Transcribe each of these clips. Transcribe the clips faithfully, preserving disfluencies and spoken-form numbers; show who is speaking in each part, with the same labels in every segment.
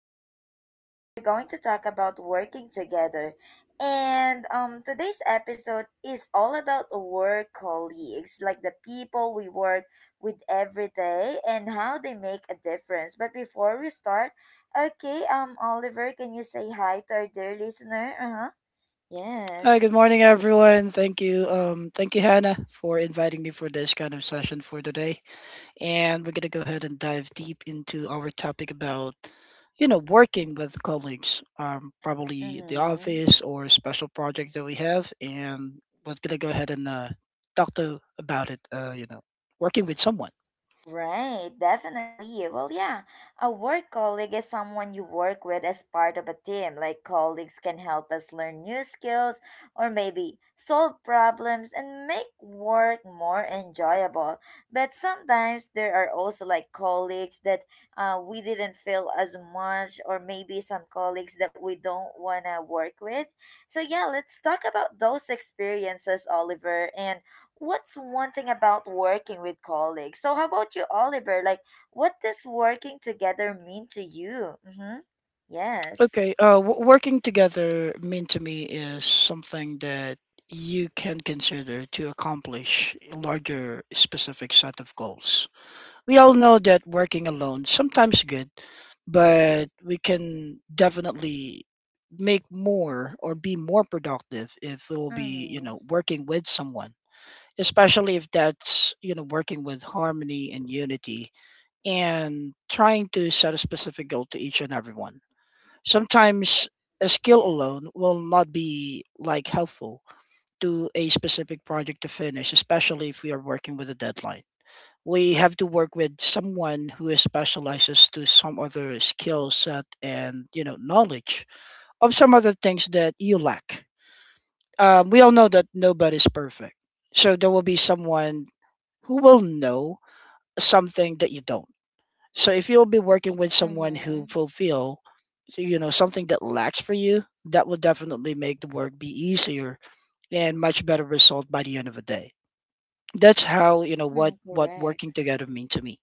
Speaker 1: So yeah, today we're going to talk about working together. And um today's episode is all about work colleagues, like the people we work with every day and how they make a difference. But before we start, okay, um Oliver, can you say hi to our dear listener? Uh-huh.
Speaker 2: Hi, good
Speaker 1: Yes.
Speaker 2: morning, everyone. Thank you, um, thank you, Hannah, for inviting me for this kind of session for today. And we're gonna go ahead and dive deep into our topic about, you know, working with colleagues, um, probably at the
Speaker 1: Mm-hmm.
Speaker 2: office or special project that we have. And we're gonna go ahead and uh, talk to about it. Uh, you know, working with someone.
Speaker 1: Right, definitely. Well, yeah, a work colleague is someone you work with as part of a team. Like, colleagues can help us learn new skills or maybe solve problems and make work more enjoyable. But sometimes there are also like colleagues that uh, we didn't feel as much, or maybe some colleagues that we don't want to work with. So, yeah, let's talk about those experiences, Oliver. And what's one thing about working with colleagues? So, how about you, Oliver? Like, what does working together mean to you? Mm-hmm. Yes.
Speaker 2: Okay, uh, w- working together mean to me is something that you can consider to accomplish larger specific set of goals. We all know that working alone sometimes good, but we can definitely make more or be more productive if we will be, you
Speaker 1: Mm-hmm.
Speaker 2: know, working with someone, especially if that's, you know, working with harmony and unity and trying to set a specific goal to each and everyone. Sometimes a skill
Speaker 1: Yeah.
Speaker 2: alone will not be like helpful to a specific project to finish, especially if we are working with a deadline. We have to work with someone who is specializes to some other skill set and you know knowledge of some other things that you lack. Um, we all know that nobody's perfect, so there will be someone who will know something that you don't, so if you'll be working with someone who
Speaker 1: Mm-hmm.
Speaker 2: fulfill, so, you know, something that lacks for you, that will definitely make the work be easier and much better result by the end of the day. That's how you know what
Speaker 1: Mm,
Speaker 2: what
Speaker 1: correct.
Speaker 2: working together mean to me.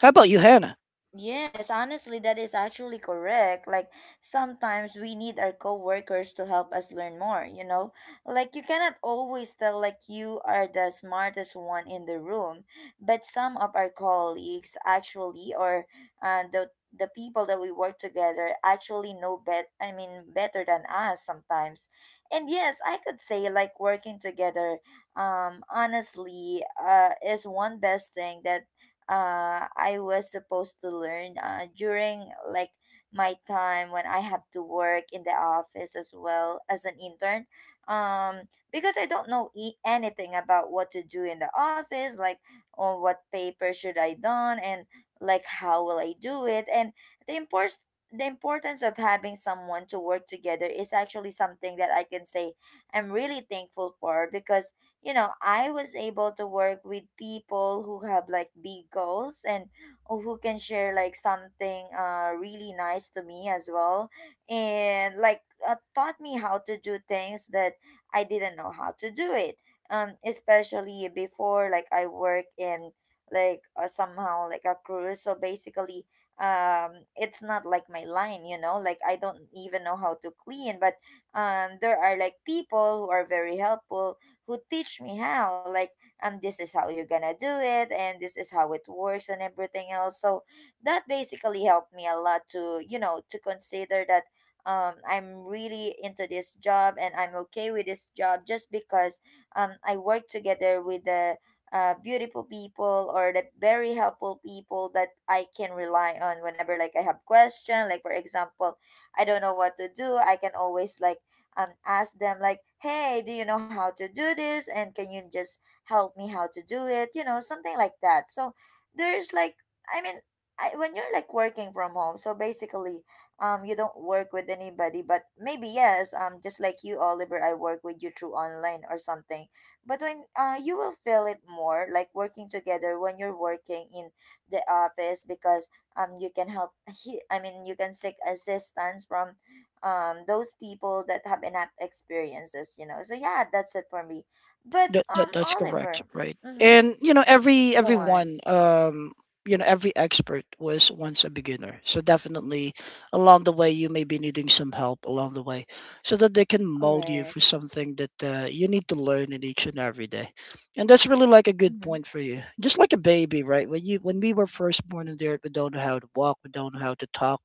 Speaker 2: How about you, Hannah?
Speaker 1: Yes, honestly, that is actually correct. Like, sometimes we need our coworkers to help us learn more, you know? Like, you cannot always tell, like, you are the smartest one in the room, but some of our colleagues actually, or uh, the the people that we work together actually know bet I mean better than us sometimes. And yes, I could say like working together um honestly uh is one best thing that uh, I was supposed to learn uh, during like my time when I had to work in the office as well as an intern. Um, because I don't know e- anything about what to do in the office, like on what paper should I done, and like how will I do it, and the import the importance of having someone to work together is actually something that I can say I'm really thankful for because you know, I was able to work with people who have like big goals and oh, who can share like something uh really nice to me as well. And like uh, taught me how to do things that I didn't know how to do it. Um especially before like I work in like uh, somehow like a cruise, so basically um it's not like my line, you know, like I don't even know how to clean, but um there are like people who are very helpful who teach me how like, um, this is how you're gonna do it and this is how it works and everything else. So that basically helped me a lot to you know to consider that um, I'm really into this job and I'm okay with this job just because um, I work together with the uh, beautiful people or the very helpful people that I can rely on whenever like I have question. Like for example, I don't know what to do, I can always like, um, ask them like, hey, do you know how to do this? And can you just help me how to do it? You know, something like that. So there's like, I mean, I, when you're like working from home, so basically, um, you don't work with anybody, but maybe yes, um, just like you, Oliver, I work with you through online or something. But when uh, you will feel it more like working together when you're working in the office because um you can help he I mean you can seek assistance from um those people that have enough experiences, you know. So yeah, that's it for me, but
Speaker 2: That, that
Speaker 1: um
Speaker 2: that's correct,
Speaker 1: Oliver.
Speaker 2: right?
Speaker 1: Mm-hmm.
Speaker 2: And you know, every
Speaker 1: Go on.
Speaker 2: everyone, um, you know, every expert was once a beginner. So definitely, along the way, you may be needing some help along the way, so that they can mold you for
Speaker 1: Correct.
Speaker 2: something that uh, you need to learn in each and every day. And that's really like a good
Speaker 1: Mm-hmm.
Speaker 2: point for you. Just like a baby, right? When you when we were first born in there, we don't know how to walk, we don't know how to talk,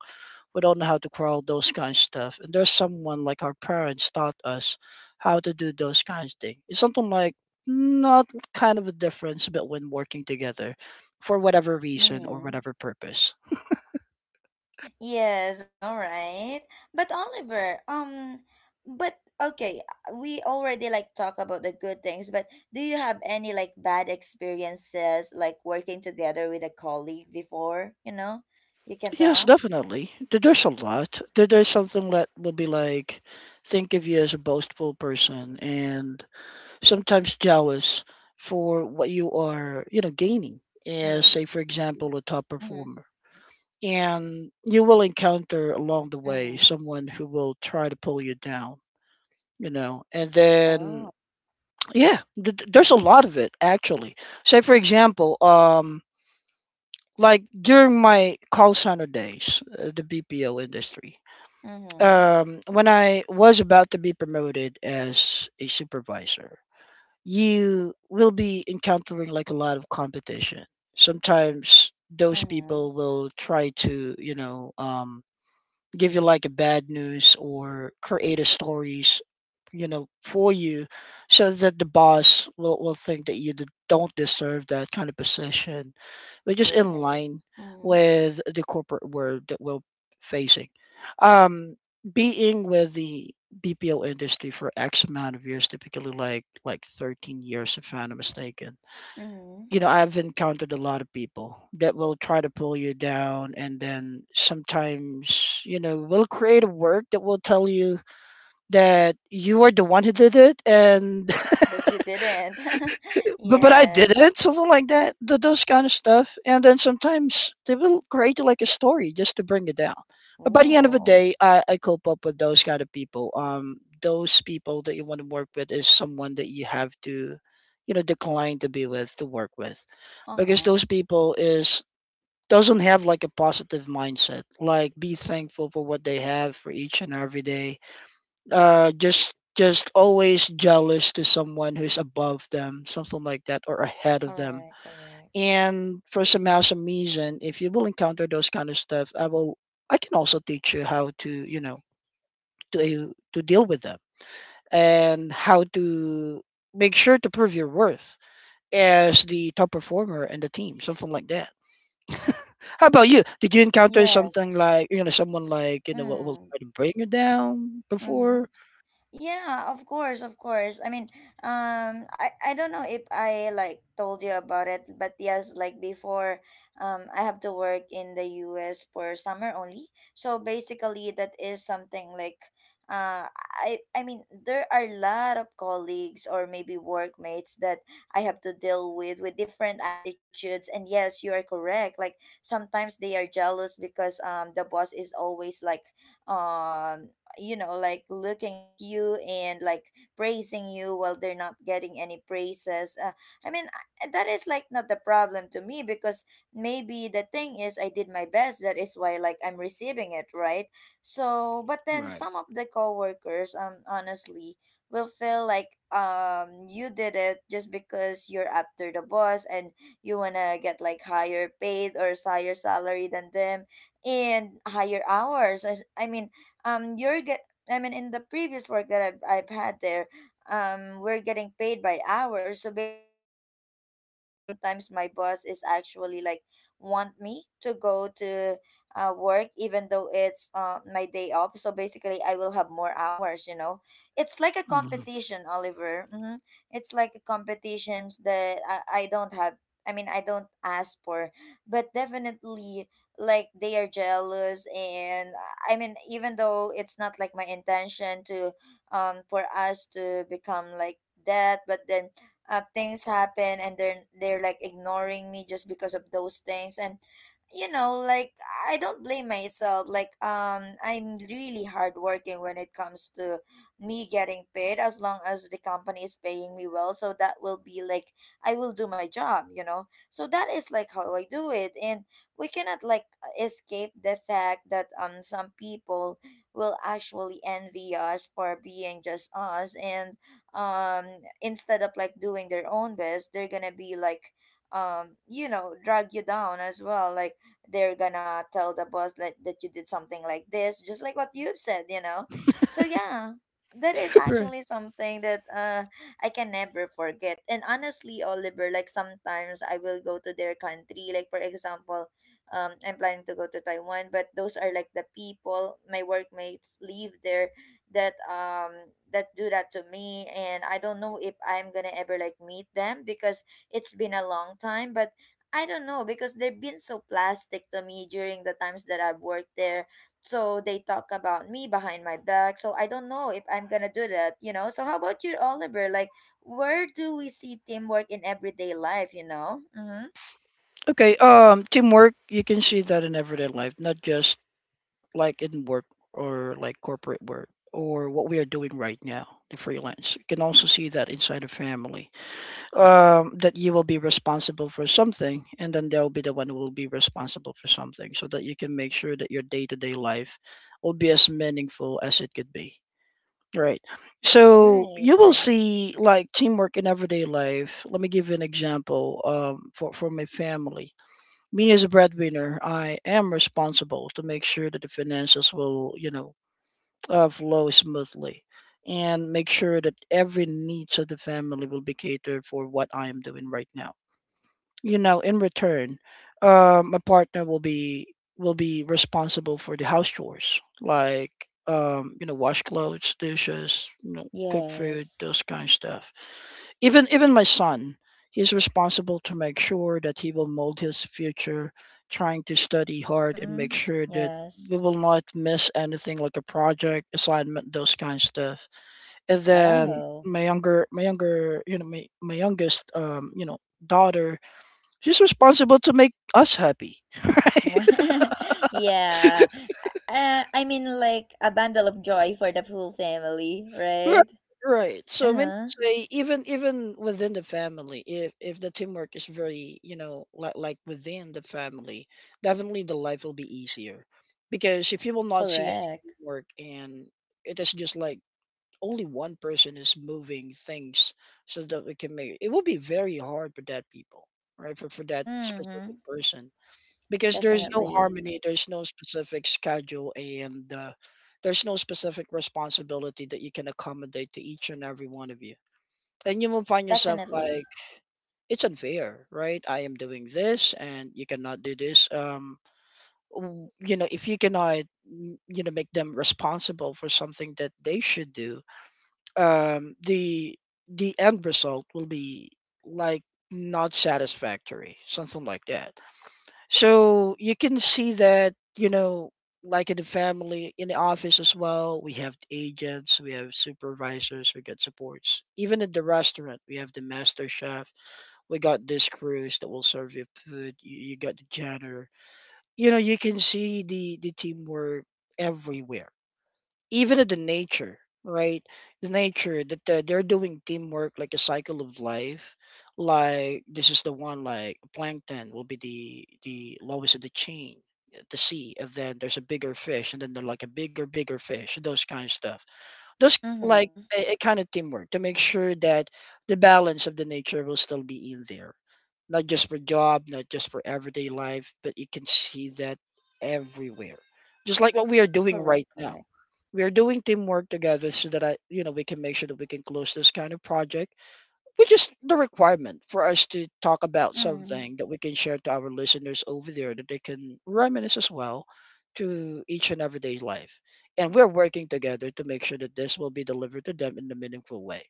Speaker 2: we don't know how to crawl, those kind of stuff, and there's someone like our parents taught us how to do those kinds of things. It's something like not kind of a difference but when working together for whatever reason or
Speaker 1: Mm-hmm.
Speaker 2: whatever purpose.
Speaker 1: Yes, I know, right? But Oliver, um but okay, uh, we already like talk about the good things, but do you have any like bad experiences like working together with a colleague before, you know? You can
Speaker 2: Yes,
Speaker 1: tell.
Speaker 2: definitely. There- there's a lot. There- there's something that will be like think of you as a boastful person and sometimes jealous for what you are you know gaining as
Speaker 1: Mm-hmm.
Speaker 2: say for example a top
Speaker 1: Mm-hmm.
Speaker 2: performer, and you will encounter along the way someone who will try to pull you down, you know. And then
Speaker 1: Oh.
Speaker 2: yeah, th- th- there's a lot of it actually. Say for example um like during my call center days, uh, the B P O industry.
Speaker 1: Mm-hmm.
Speaker 2: um when I was about to be promoted as a supervisor, you will be encountering like a lot of competition. Sometimes those
Speaker 1: Mm-hmm.
Speaker 2: people will try to you know um give you like a bad news or create a stories you know for you so that the boss will, will think that you d- don't deserve that kind of position, which is in
Speaker 1: Really?
Speaker 2: line
Speaker 1: Mm,
Speaker 2: with the corporate world that we're facing. um being with the B P O industry for X amount of years, typically like like thirteen years if I'm not mistaken.
Speaker 1: mm.
Speaker 2: You know, I've encountered a lot of people that will try to pull you down, and then sometimes, you know, will create a work that will tell you that you are the one who did it, and
Speaker 1: But you didn't.
Speaker 2: but but I
Speaker 1: Yes.
Speaker 2: didn't, something like that, th- those kind of stuff. And then sometimes they will create like a story just to bring you down. But by the end of the
Speaker 1: Oh,
Speaker 2: day, I, I cope up with those kind of people. Um, those people that you want to work with is someone that you have to, you know, decline to be with to work with, because
Speaker 1: uh-huh.
Speaker 2: those people is doesn't have like a positive mindset, like be thankful for what they have for each and every day, uh just just always jealous to someone who's above them, something like that, or ahead of them.
Speaker 1: Correct, correct.
Speaker 2: And for some awesome reason if you will encounter those kind of stuff, i will I can also teach you how to, you know, to to deal with them and how to make sure to prove your worth as the top performer in the team, something like that. How about you? Did you encounter
Speaker 1: Yes.
Speaker 2: something like, you know, someone like, you know, will, will
Speaker 1: Mm,
Speaker 2: try to bring you down
Speaker 1: mm-hmm.
Speaker 2: before?
Speaker 1: Yeah, of course, of course. I mean, um, I, I don't know if I like told you about it, but yes, like before, um, I have to work in the U S for summer only. So basically, that is something like, uh, I I mean, there are a lot of colleagues or maybe workmates that I have to deal with with different attitudes. And yes, you are correct. Like sometimes they are jealous because um the boss is always like, um you know like looking at you and like praising you while they're not getting any praises. uh, I mean, I- that is like not the problem to me because maybe the thing is I did my best, that is why like I'm receiving it, right? So but then
Speaker 2: Right.
Speaker 1: some of the coworkers, um honestly will feel like um you did it just because you're after the boss and you wanna get like higher paid or higher salary than them and higher hours. As- I mean um you're get I mean in the previous work that I've I've had there, um we're getting paid by hours. So basically they are jealous that sometimes my boss is actually like want me to go to uh, work even though it's uh, my day off, so basically I will have more hours, you know, it's like a
Speaker 2: Mhm.
Speaker 1: competition, Oliver. Mm-hmm. It's like a competition that I, I don't have, I mean I don't ask for, but definitely like they are jealous, and uh, I mean even though it's not like my intention to um for us to become like that, but then uh, things happen and they're they're like ignoring me just because of those things, and you know like I don't blame myself, like um I'm really hardworking when it comes to me getting paid. As long as the company is paying me well, so that will be like I will do my job, you know. So that is like how I do it, and we cannot like escape the fact that um some people will actually envy us for being just us, and um instead of like doing their own best, they're gonna be like, um you know, drag you down as well, like they're gonna tell the boss like that you did something like this, just like what you've said, you know. So yeah, that is
Speaker 2: Right.
Speaker 1: actually something that uh I can never forget. And honestly, Oliver, like sometimes I will go to their country. Like for example, um, I'm planning to go to Taiwan, but those are like the people, my workmates live there, that um that do that to me, and I don't know if I'm gonna ever like meet them because it's been a long time, but. I don't know because they've been so plastic to me during the times that I've worked there. So they talk about me behind my back. So I don't know if I'm gonna do that, you know. So how about you, Oliver? Like, where do we see teamwork in everyday life? You know. Mm-hmm.
Speaker 2: Okay. Um, teamwork, you can see that in everyday life, not just like in work or like corporate work or what we are doing right now, the freelance. You can also see that inside a family. Um, that you will be responsible for something and then they'll be the one who will be responsible for something so that you can make sure that your day to day life will be as meaningful as it could be. Right. So
Speaker 1: Right.
Speaker 2: you will
Speaker 1: Right.
Speaker 2: see like teamwork in everyday life. Let me give you an example, um, for, for my family. Me as a breadwinner, I am responsible to make sure that the finances will, you know, uh, flow smoothly and make sure that every needs of the family will be catered for what I am doing right now, you know. In return, uh, my partner will be will be responsible for the house chores, like um, you know, wash clothes, dishes, you know, cook food,
Speaker 1: Yes.
Speaker 2: those kind of stuff. Even even my son, he's responsible to make sure that he will mold his future, trying to study hard and make
Speaker 1: Mm-hmm.
Speaker 2: sure that we
Speaker 1: Yes.
Speaker 2: will not miss anything like a project assignment, those kind of stuff. And then
Speaker 1: Oh.
Speaker 2: my younger my younger, you know, my, my youngest, um, you know, daughter. She's responsible to make us happy.
Speaker 1: Yeah. Uh, I mean, like a bundle of joy for the full family,
Speaker 2: Right,
Speaker 1: right?
Speaker 2: right. So
Speaker 1: Uh
Speaker 2: meaning
Speaker 1: huh.
Speaker 2: to say, even even within the family, if if the teamwork is very, you know, like like within the family, definitely the life will be easier. Because if you will not see any
Speaker 1: Correct.
Speaker 2: teamwork and it is just like only one person is moving things so that we can make it, will be very hard for that people, right? For for that specific
Speaker 1: Mm-hmm.
Speaker 2: person. Because there's no
Speaker 1: Definitely.
Speaker 2: harmony, there's no specific schedule, and uh, there's no specific responsibility that you can accommodate to each and every one of you, and you will find yourself
Speaker 1: Definitely.
Speaker 2: like it's unfair, right? I am doing this and you cannot do this. um w- you know, if you cannot, mm, you know, make them responsible for something that they should do, um the the end result will be like not satisfactory, something like that. So you can see that, you know, like in the family, in the office as well, we have agents, we have supervisors, we got supports. Even at the restaurant, we have the master chef, we got this crews that will serve you food, you, you got the janitor. You know, you can see the the teamwork everywhere, even in the nature, right? The nature that uh, they're doing teamwork like a cycle of life. Like this is the one, like plankton will be the the lowest of the chain, uh, the sea, and then there's a bigger fish, and then they're like a bigger bigger fish, and those kind of stuff, just like
Speaker 1: Mm-hmm.
Speaker 2: a, a kind of teamwork to make sure that the balance of the nature will still be in there, not just for job, not just for everyday life, but you can see that everywhere. Just like what we are doing
Speaker 1: Correct.
Speaker 2: right now,
Speaker 1: Correct.
Speaker 2: we are doing teamwork together so that I, you know, we can make sure that we can close this kind of project, which is the requirement for us to talk about
Speaker 1: Mm-hmm.
Speaker 2: something that we can share to our listeners over there that they can reminisce as well to each and everyday life. And we're working together to make sure that this will be delivered to them in a meaningful way.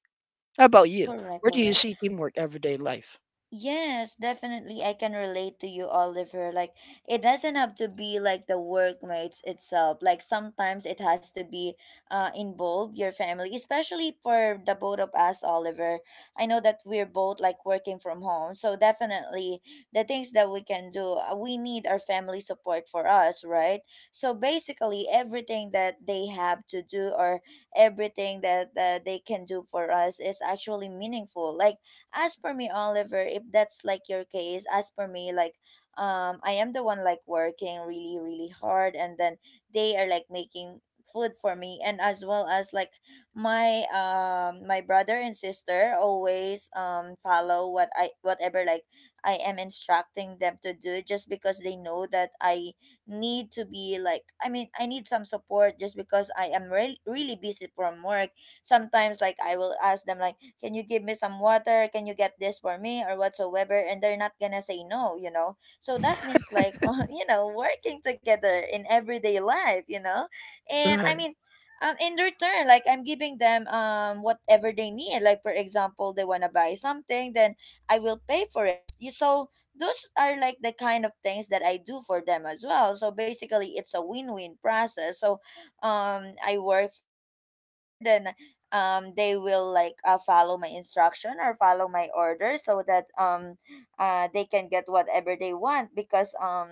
Speaker 2: How about you?
Speaker 1: Correct.
Speaker 2: Where do you
Speaker 1: Correct.
Speaker 2: see teamwork everyday life?
Speaker 1: Yes, definitely. I can relate to you, Oliver. Like, it doesn't have to be like the workmates itself. Like, sometimes it has to be uh, involve your family, especially for the both of us, Oliver. I know that we're both like working from home. So, definitely, the things that we can do, uh, we need our family support for us, right? So, basically, everything that they have to do or everything that uh, they can do for us is actually meaningful. Like, as for me, Oliver, if that's like your case, as for me, like um I am the one like working really, really hard, and then they are like making food for me, and as well as like my um my brother and sister always um follow what I whatever like I am instructing them to do, just because they know that I need to be like I mean I need some support just because I am re- really busy from work. Sometimes like I will ask them like, can you give me some water, can you get this for me or whatsoever, and they're not gonna say no, you know, so that means like you know working together in everyday life you know and I
Speaker 2: Right.
Speaker 1: mean um, In return, like I'm giving them um whatever they need. Like for example, they want to buy something, then I will pay for it you. So those are like the kind of things that I do for them as well. So basically, it's a win-win process. So um i work I work hard, and um they will like uh, follow my instruction or follow my order, so that um uh they can get whatever they want, because um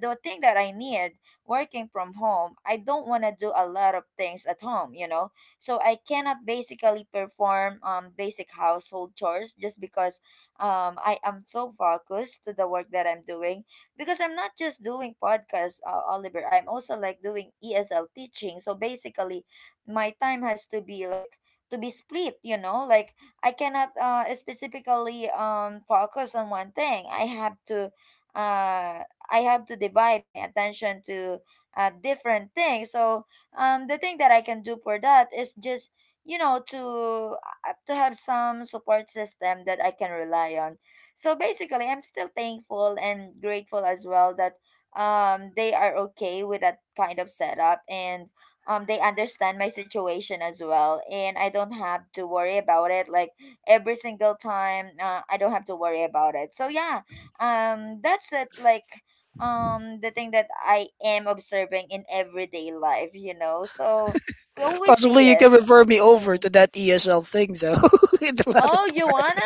Speaker 1: the thing that I need, working from home, I don't want to do a lot of things at home, you know. So I cannot basically perform um basic household chores, just because um I am so focused to the work that I'm doing, because I'm not just doing podcasts, uh, Oliver. I'm also like doing E S L teaching. So basically, my time has to be like to be split, you know, like I cannot uh specifically um focus on one thing. I have to uh i have to divide my attention to uh different things. So um the thing that I can do for that is just, you know, to uh, to have some support system that I can rely on. So basically, I'm still thankful and grateful as well that um they are okay with that kind of setup, and um they understand my situation as well, and I don't have to worry about it, like every single time, uh, I don't have to worry about it. So yeah, um that's it. Like um the thing that I am observing in everyday life, you know. So we always see
Speaker 2: Possibly you
Speaker 1: it.
Speaker 2: can refer me over
Speaker 1: Mm.
Speaker 2: to that E S L thing though in the latter
Speaker 1: Oh, you wanna?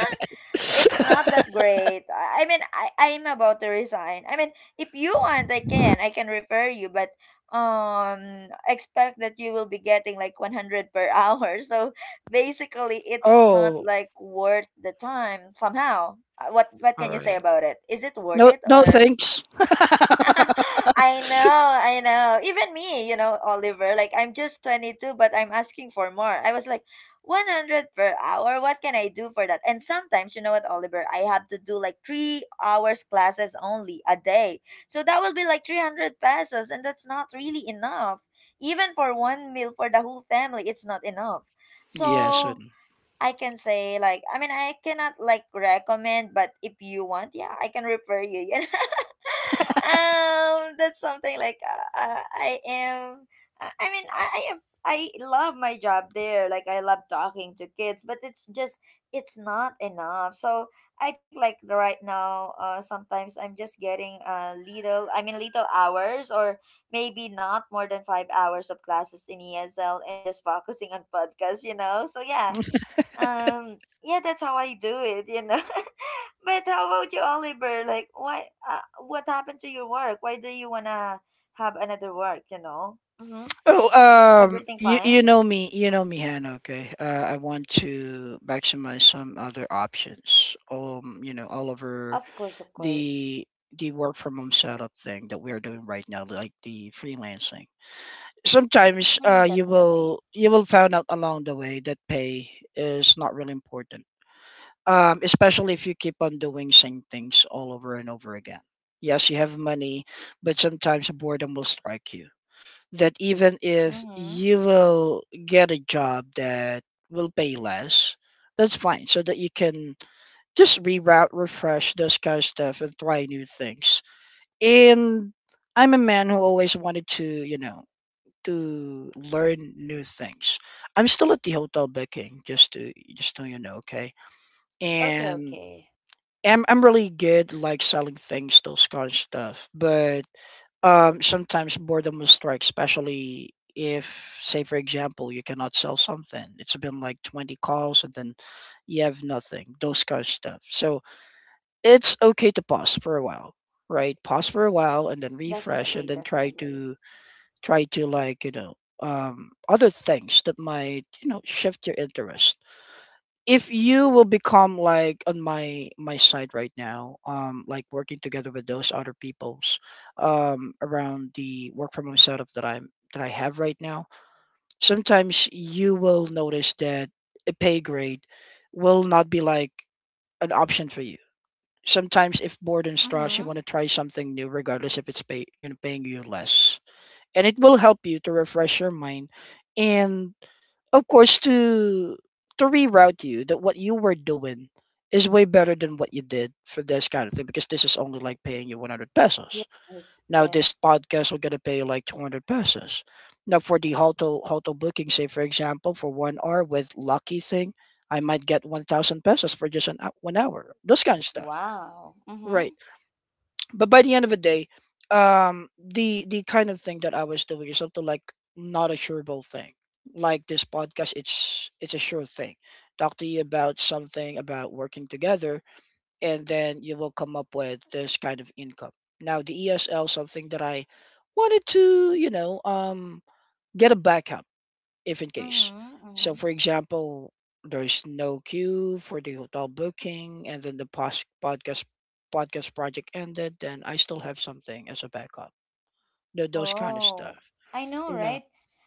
Speaker 1: It's not
Speaker 2: part.
Speaker 1: that great. I I mean, I I'm about to resign. I mean, if you want, I can. I can refer you, but um, expect that you will be getting like one hundred per hour. So basically, it's not
Speaker 2: Oh,
Speaker 1: like worth the time somehow. Uh, What what
Speaker 2: all
Speaker 1: can you say
Speaker 2: right.
Speaker 1: about it? Is it worth
Speaker 2: No,
Speaker 1: it
Speaker 2: no,
Speaker 1: or
Speaker 2: thanks.
Speaker 1: I know, I know. Even me, you know, Oliver, like I'm just twenty-two, but I'm asking for more. I was like, one hundred per hour, what can I do for that? And sometimes, you know what, Oliver, I have to do like three hours classes only a day. So that will be like three hundred pesos, and that's not really enough. Even for one meal for the whole family, it's not enough.
Speaker 2: Yes.
Speaker 1: So I can say like, I mean, I cannot like recommend, but if you want, yeah, I can refer you. You know? Um, that's something like uh, uh, I am. I I mean, I, I am. I love my job there. Like I love talking to kids, but it's just it's not enough. So I think like the right now, uh, sometimes I'm just getting a little. I mean, little hours or maybe not more than five hours of classes in E S L, and just focusing on podcasts. You know. So yeah,
Speaker 2: And
Speaker 1: um, yeah, that's how I do it, you know. But how about you, Oliver? Like, why? Uh, what happened to your work? Why do you wanna have another work? You know. Mm-hmm.
Speaker 2: oh, um,
Speaker 1: Everything
Speaker 2: you you
Speaker 1: fine?
Speaker 2: know me, you know me, Hannah. Okay, uh, I want to maximize some other options. Um, you know, all over
Speaker 1: Of course, of course.
Speaker 2: the the work from home setup thing that we are doing right now, like the freelancing. Sometimes,
Speaker 1: Mm,
Speaker 2: uh, you
Speaker 1: definitely.
Speaker 2: will you will find out along the way that pay is not really important. Um, especially if you keep on doing same things all over and over again. Yes, you have money, but sometimes boredom will strike you, that even if
Speaker 1: Mm-hmm.
Speaker 2: you will get a job that will pay less, that's fine. So that you can just reroute, refresh, those kind of stuff, and try new things. And I'm a man who always wanted to, you know, to learn new things. I'm still at the hotel booking, just to just so you know, okay.
Speaker 1: Okay,
Speaker 2: And
Speaker 1: okay.
Speaker 2: I'm I'm really good like selling things, those kind of stuff. But um, sometimes boredom will strike, especially if, say, for example, you cannot sell something. It's been like twenty calls, and then you have nothing, those kind of stuff. So it's okay to pause for a while, right? Pause for a while and then refresh and
Speaker 1: Definitely,
Speaker 2: then try
Speaker 1: definitely.
Speaker 2: to, try to like, you know, um, other things that might, you know, shift your interest if you will become like on my my side right now, um like working together with those other peoples um around the work from home setup that i'm that I have right now. Sometimes you will notice that a pay grade will not be like an option for you. Sometimes if bored and stressed, you
Speaker 1: Mm-hmm.
Speaker 2: want to try something new, regardless if it's pay, you know paying you less, and it will help you to refresh your mind, and of course to to reroute you that what you were doing is way better than what you did for this kind of thing, because this is only like paying you one hundred pesos.
Speaker 1: Yes,
Speaker 2: Now
Speaker 1: yes.
Speaker 2: this podcast will gonna pay you like two hundred pesos. Now for the hotel hotel booking, say for example, for one hour with lucky thing, I might get one thousand pesos for just an, hou- one hour, those kind of stuff,
Speaker 1: Wow. Mm-hmm.
Speaker 2: right? But by the end of the day, um the the kind of thing that I was doing is something like not a sureable thing. Like this podcast, it's it's a sure thing. Talk to you about something about working together, and then you will come up with this kind of income. Now the ESL, something that I wanted to, you know um get a backup if in case.
Speaker 1: Mm-hmm.
Speaker 2: So,
Speaker 1: Mm-hmm.
Speaker 2: for example, there's no queue for the hotel booking, and then the pos- podcast podcast project ended, then I still have something as a backup. Th- Those kind of stuff.
Speaker 1: Oh, I know,
Speaker 2: You know,
Speaker 1: right?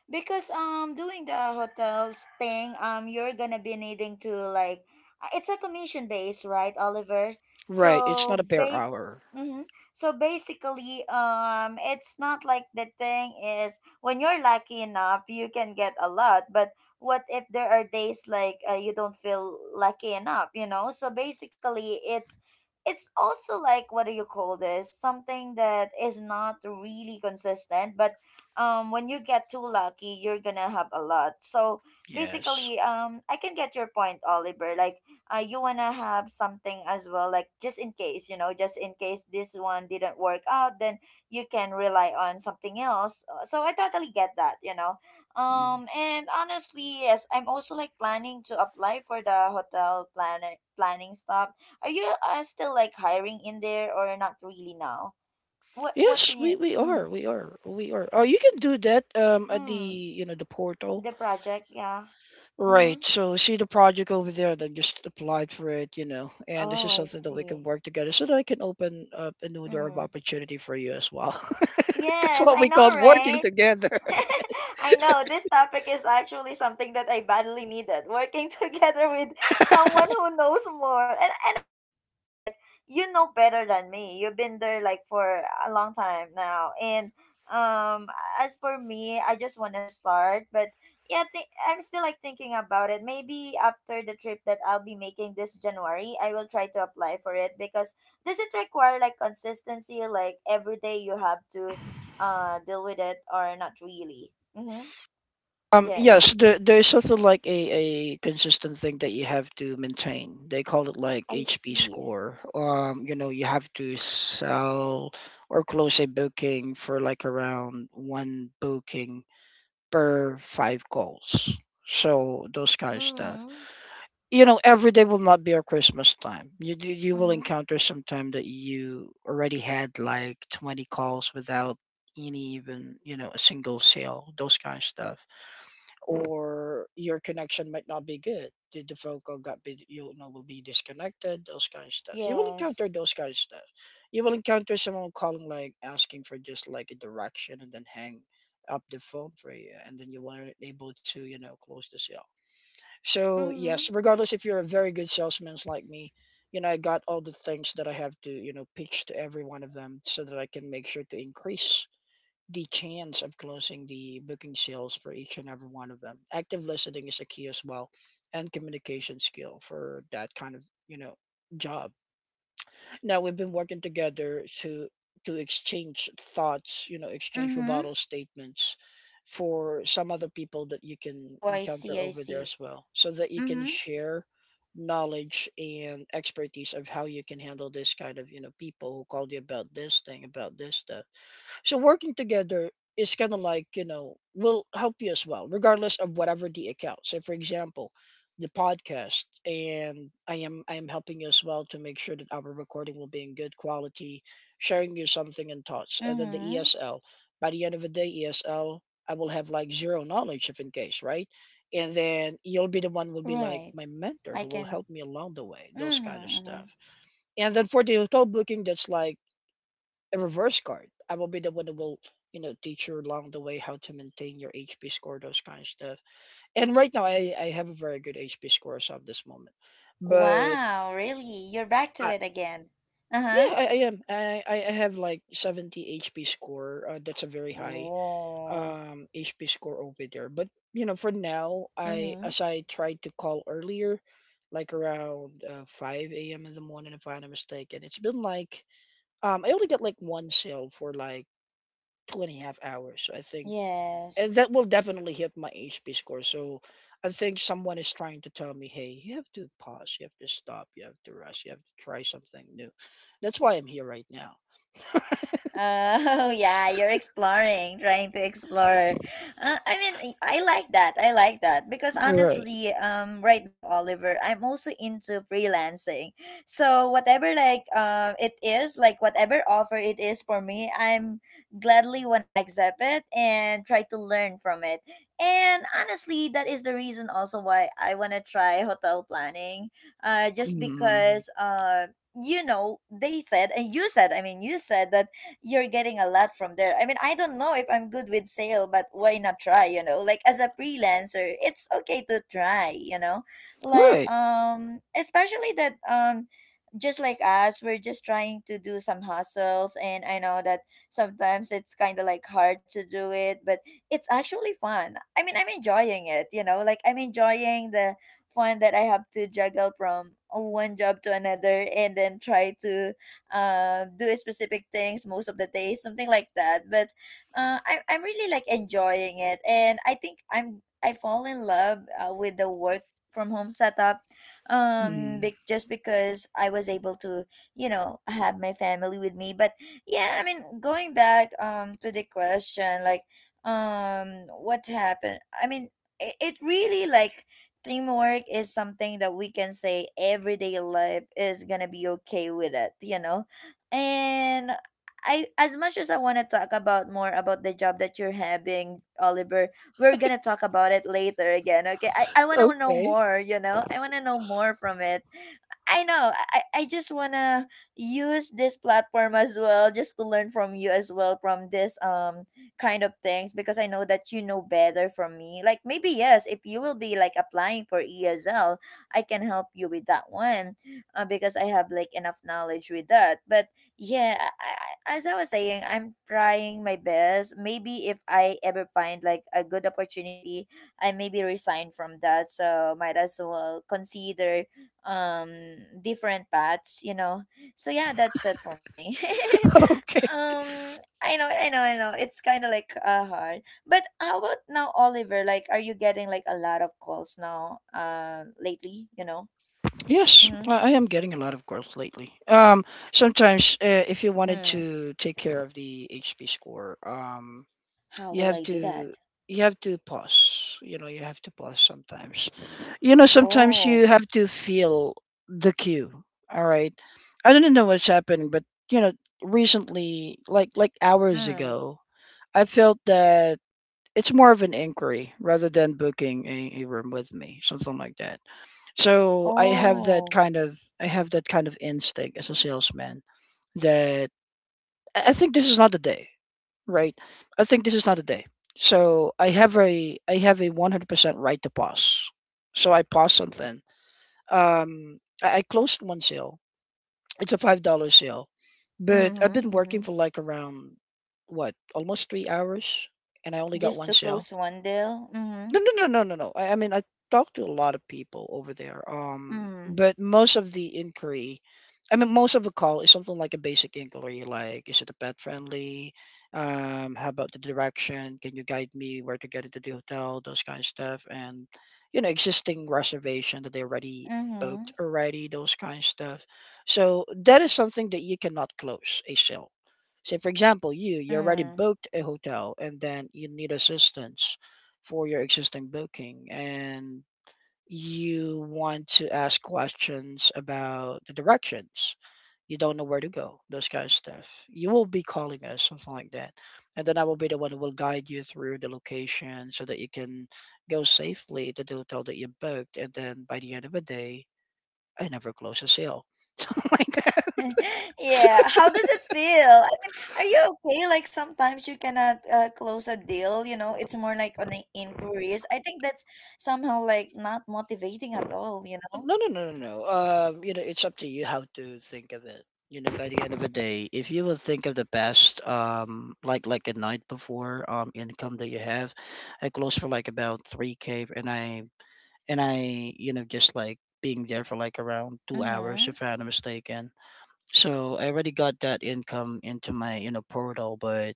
Speaker 1: Because um doing the hotels thing, um you're gonna be needing to like uh, it's a commission base, right, Oliver?
Speaker 2: right? It's not
Speaker 1: So
Speaker 2: a per
Speaker 1: ba-
Speaker 2: hour.
Speaker 1: mm-hmm. So basically, um it's not like, the thing is when you're lucky enough you can get a lot, but what if there are days like, uh, you don't feel lucky enough, you know? So basically, it's it's also like what do you call this, something that is not really consistent, but um when you get too lucky you're gonna have a lot. So
Speaker 2: Yes.
Speaker 1: basically, um I can get your point, Oliver. Like uh, you wanna have something as well, like just in case, you know, just in case this one didn't work out, then you can rely on something else. Uh, so I totally get that, you know.
Speaker 2: Mm.
Speaker 1: um and honestly, yes, I'm also like planning to apply for the hotel planning planning stuff. Are you uh, still like hiring in there or not really now? What what
Speaker 2: Yes,
Speaker 1: can you
Speaker 2: we, we are,
Speaker 1: mm,
Speaker 2: we are, we are. Oh, you can do that um at the,
Speaker 1: mm,
Speaker 2: you know the portal.
Speaker 1: the project, yeah. Mm-hmm.
Speaker 2: Right. So see the project over there that just applied for it, you know, and this
Speaker 1: Oh,
Speaker 2: is
Speaker 1: I
Speaker 2: something that we can
Speaker 1: see.
Speaker 2: work together, so that I can open up a new door of
Speaker 1: Mm.
Speaker 2: opportunity for you as well. That's
Speaker 1: Yes,
Speaker 2: what
Speaker 1: I
Speaker 2: we call
Speaker 1: know,
Speaker 2: working
Speaker 1: right?
Speaker 2: together.
Speaker 1: I know this topic is actually something that I badly needed. Working together with someone who knows more, and and I know, Oliver, like you know better than me. You've been there like for a long time now, and um, as for me, I just want to start, but yeah, th- I'm still like thinking about it. Maybe after the trip that I'll be making this January, I will try to apply for it. Because does it require like consistency, like every day you have to uh deal with it or not really. Mm-hmm.
Speaker 2: Um, yes,
Speaker 1: Yes.
Speaker 2: there, there's something like a, a consistent thing that you have to maintain. They call it like
Speaker 1: I
Speaker 2: H P
Speaker 1: see.
Speaker 2: score. Um, you know, you have to sell or close a booking for like around one booking per five calls. So those kind of stuff.
Speaker 1: Mm-hmm.
Speaker 2: You know, every day will not be a Christmas time. You do you will
Speaker 1: Mm-hmm.
Speaker 2: encounter some time that you already had like twenty calls without any, even, you know, a single sale, those kind of stuff. Or your connection might not be good, the, the phone call got be you know will be disconnected, those kind of stuff. You will encounter
Speaker 1: Yes.
Speaker 2: those kind of stuff. You will encounter someone calling like asking for just like a direction, and then hang up the phone for you, and then you weren't able to, you know, close the sale. So
Speaker 1: Mm-hmm.
Speaker 2: yes, regardless if you're a very good salesman like me, you know, I got all the things that I have to, you know, pitch to every one of them, so that I can make sure to increase the chance of closing the booking sales for each and every one of them. Active listening is a key as well, and communication skill for that kind of, you know, job. Now we've been working together to to exchange thoughts, you know, exchange
Speaker 1: Mm-hmm.
Speaker 2: rebuttal statements for some other people that you can
Speaker 1: Oh, I see,
Speaker 2: encounter
Speaker 1: I
Speaker 2: over there
Speaker 1: see.
Speaker 2: as well, so that you can
Speaker 1: Mm-hmm.
Speaker 2: share knowledge and expertise of how you can handle this kind of, you know, people who called you about this thing, about this, that. So working together is kind of like, you know, will help you as well, regardless of whatever the account. So for example, the podcast, and I am I am helping you as well to make sure that our recording will be in good quality, sharing you something and thoughts. And then the
Speaker 1: Mm-hmm.
Speaker 2: E S L. By the end of the day, E S L, I will have like zero knowledge if in case, right? And then you'll be the one will be like
Speaker 1: Right.
Speaker 2: my mentor
Speaker 1: I
Speaker 2: who will
Speaker 1: can.
Speaker 2: help me along the way, those
Speaker 1: Mm-hmm.
Speaker 2: kind of
Speaker 1: Mm-hmm.
Speaker 2: stuff. And then for the hotel booking, that's like a reverse card. I will be the one that will, you know, teach you along the way how to maintain your H P score, those kind of stuff. And right now, I, I have a very good H P score as of this moment. But
Speaker 1: Wow, really? You're back to
Speaker 2: I,
Speaker 1: it again. Uh-huh.
Speaker 2: yeah, I, I am. I, I I have like seventy H P score. Uh, that's a very high
Speaker 1: Whoa.
Speaker 2: um H P score over there. But, you know, for now, I
Speaker 1: Mm-hmm.
Speaker 2: as I tried to call earlier, like around uh, five a m in the morning, if I'm not mistaken, it's been like um, I only got like one sale for like two and a half hours. So I think,
Speaker 1: Yes.
Speaker 2: and that will definitely hit my H P score. So I think someone is trying to tell me, hey, you have to pause, you have to stop, you have to rest, you have to try something new. That's why I'm here right now.
Speaker 1: Oh, yeah, you're exploring, trying to explore. Uh, I mean, I I like that. I like that because
Speaker 2: Right.
Speaker 1: honestly, um, right now, Oliver, I'm also into freelancing. So whatever like uh, it is, like whatever offer it is for me, I'm gladly wanna accept it and try to learn from it. And honestly, that is the reason also why I wanna try hotel planning. Uh, just
Speaker 2: Mm,
Speaker 1: because uh. You know, they said, and you said, I mean, you said that you're getting a lot from there. I mean, I don't know if I'm good with sale, but why not try, you know? Like as a freelancer, it's okay to try, you know? Like
Speaker 2: right.
Speaker 1: um especially that um just like us, we're just trying to do some hustles, and I know that sometimes it's kind of like hard to do it, but it's actually fun. I mean, I'm enjoying it, you know? Like I'm enjoying the fun that I have to juggle from one job to another, and then try to uh, do specific things most of the day, something like that. But uh, I, I'm really like enjoying it, and I think I'm I fall in love uh, with the work from home setup, um
Speaker 2: Mm,
Speaker 1: be- just because I was able to, you know, have my family with me. But yeah, I mean, going back um to the question like, um what happened, I mean, it, it really like teamwork is something that we can say everyday life is gonna be okay with it, you know? And I as much as I wanna talk about more about the job that you're having, Oliver, we're gonna talk about it later again, okay? I, I wanna know
Speaker 2: okay.
Speaker 1: more, you know? I wanna know more from it. I know. I, I just wanna use this platform as well, just to learn from you as well from this um kind of things, because I know that you know better from me. Like maybe, yes, if you will be like applying for E S L, I can help you with that one, uh, because I have like enough knowledge with that. But yeah, I, I, as I was saying, I'm trying my best. Maybe if I ever find like a good opportunity, I maybe resign from that. So might as well consider um different paths, you know. So yeah, that's it for me.
Speaker 2: Okay.
Speaker 1: um I know, I know, I know. It's kind of like uh hard. But how about now, Oliver? Like, are you getting like a lot of calls now, uh lately, you know?
Speaker 2: Yes,
Speaker 1: Mm-hmm.
Speaker 2: I I am getting a lot of growth lately. Um, sometimes uh, if you wanted
Speaker 1: Mm.
Speaker 2: to take care of the H P score, um,
Speaker 1: How
Speaker 2: you
Speaker 1: will
Speaker 2: have
Speaker 1: I
Speaker 2: to
Speaker 1: do that?
Speaker 2: you have to pause, you know, you have to pause. Sometimes, you know, sometimes you
Speaker 1: Oh.
Speaker 2: have to feel the cue. All right, I don't know what's happened, but, you know, recently, like like hours
Speaker 1: Mm.
Speaker 2: ago, I felt that it's more of an inquiry rather than booking a, a room with me, something like that. So I have that
Speaker 1: Oh.
Speaker 2: kind of, i have that kind of instinct as a salesman that i I think this is not the day, right? I think this is not a day. So I have a I have a one hundred percent right to pause. So I pause something. Um, I, I closed one sale. It's a five dollar sale, but I've been
Speaker 1: Mm-hmm,
Speaker 2: working
Speaker 1: mm-hmm.
Speaker 2: for like around what almost three hours, and I only got
Speaker 1: Just
Speaker 2: one
Speaker 1: to
Speaker 2: sale.
Speaker 1: close one deal. Mm-hmm.
Speaker 2: No, no, no, no, no, no. I, I mean, I talked to a lot of people over there. Um,
Speaker 1: Mm.
Speaker 2: but most of the inquiry, I mean, most of the call is something like a basic inquiry, like, is it a pet friendly? Um, how about the direction? Can you guide me where to get into the hotel? Those kind of stuff, and, you know, existing reservation that they already
Speaker 1: Mm-hmm.
Speaker 2: booked already. Those kind of stuff. So that is something that you cannot close a sale. Say, for example, you you already
Speaker 1: Mm.
Speaker 2: booked a hotel, and then you need assistance for your existing booking, and you want to ask questions about the directions. You don't know where to go, those kind of stuff. You will be calling us, something like that. And then I will be the one who will guide you through the location, so that you can go safely to the hotel that you booked. And then by the end of the day, I never close a sale. Something like,
Speaker 1: Yeah, how does it feel? I mean, are you okay? Like sometimes you cannot uh, close a deal, you know, it's more like on the inquiries. I think that's somehow like not motivating at all, you know?
Speaker 2: no, no, no, no, no. Um, you know, it's up to you how to think of it. You know, by the end of the day, if you will think of the best, um, like like a night before, um, income that you have, I closed for like about three k, and I and I, you know, just like being there for like around two hours,
Speaker 1: Mm-hmm.
Speaker 2: if I'm not mistaken. So I already got that income into my, you know, portal. But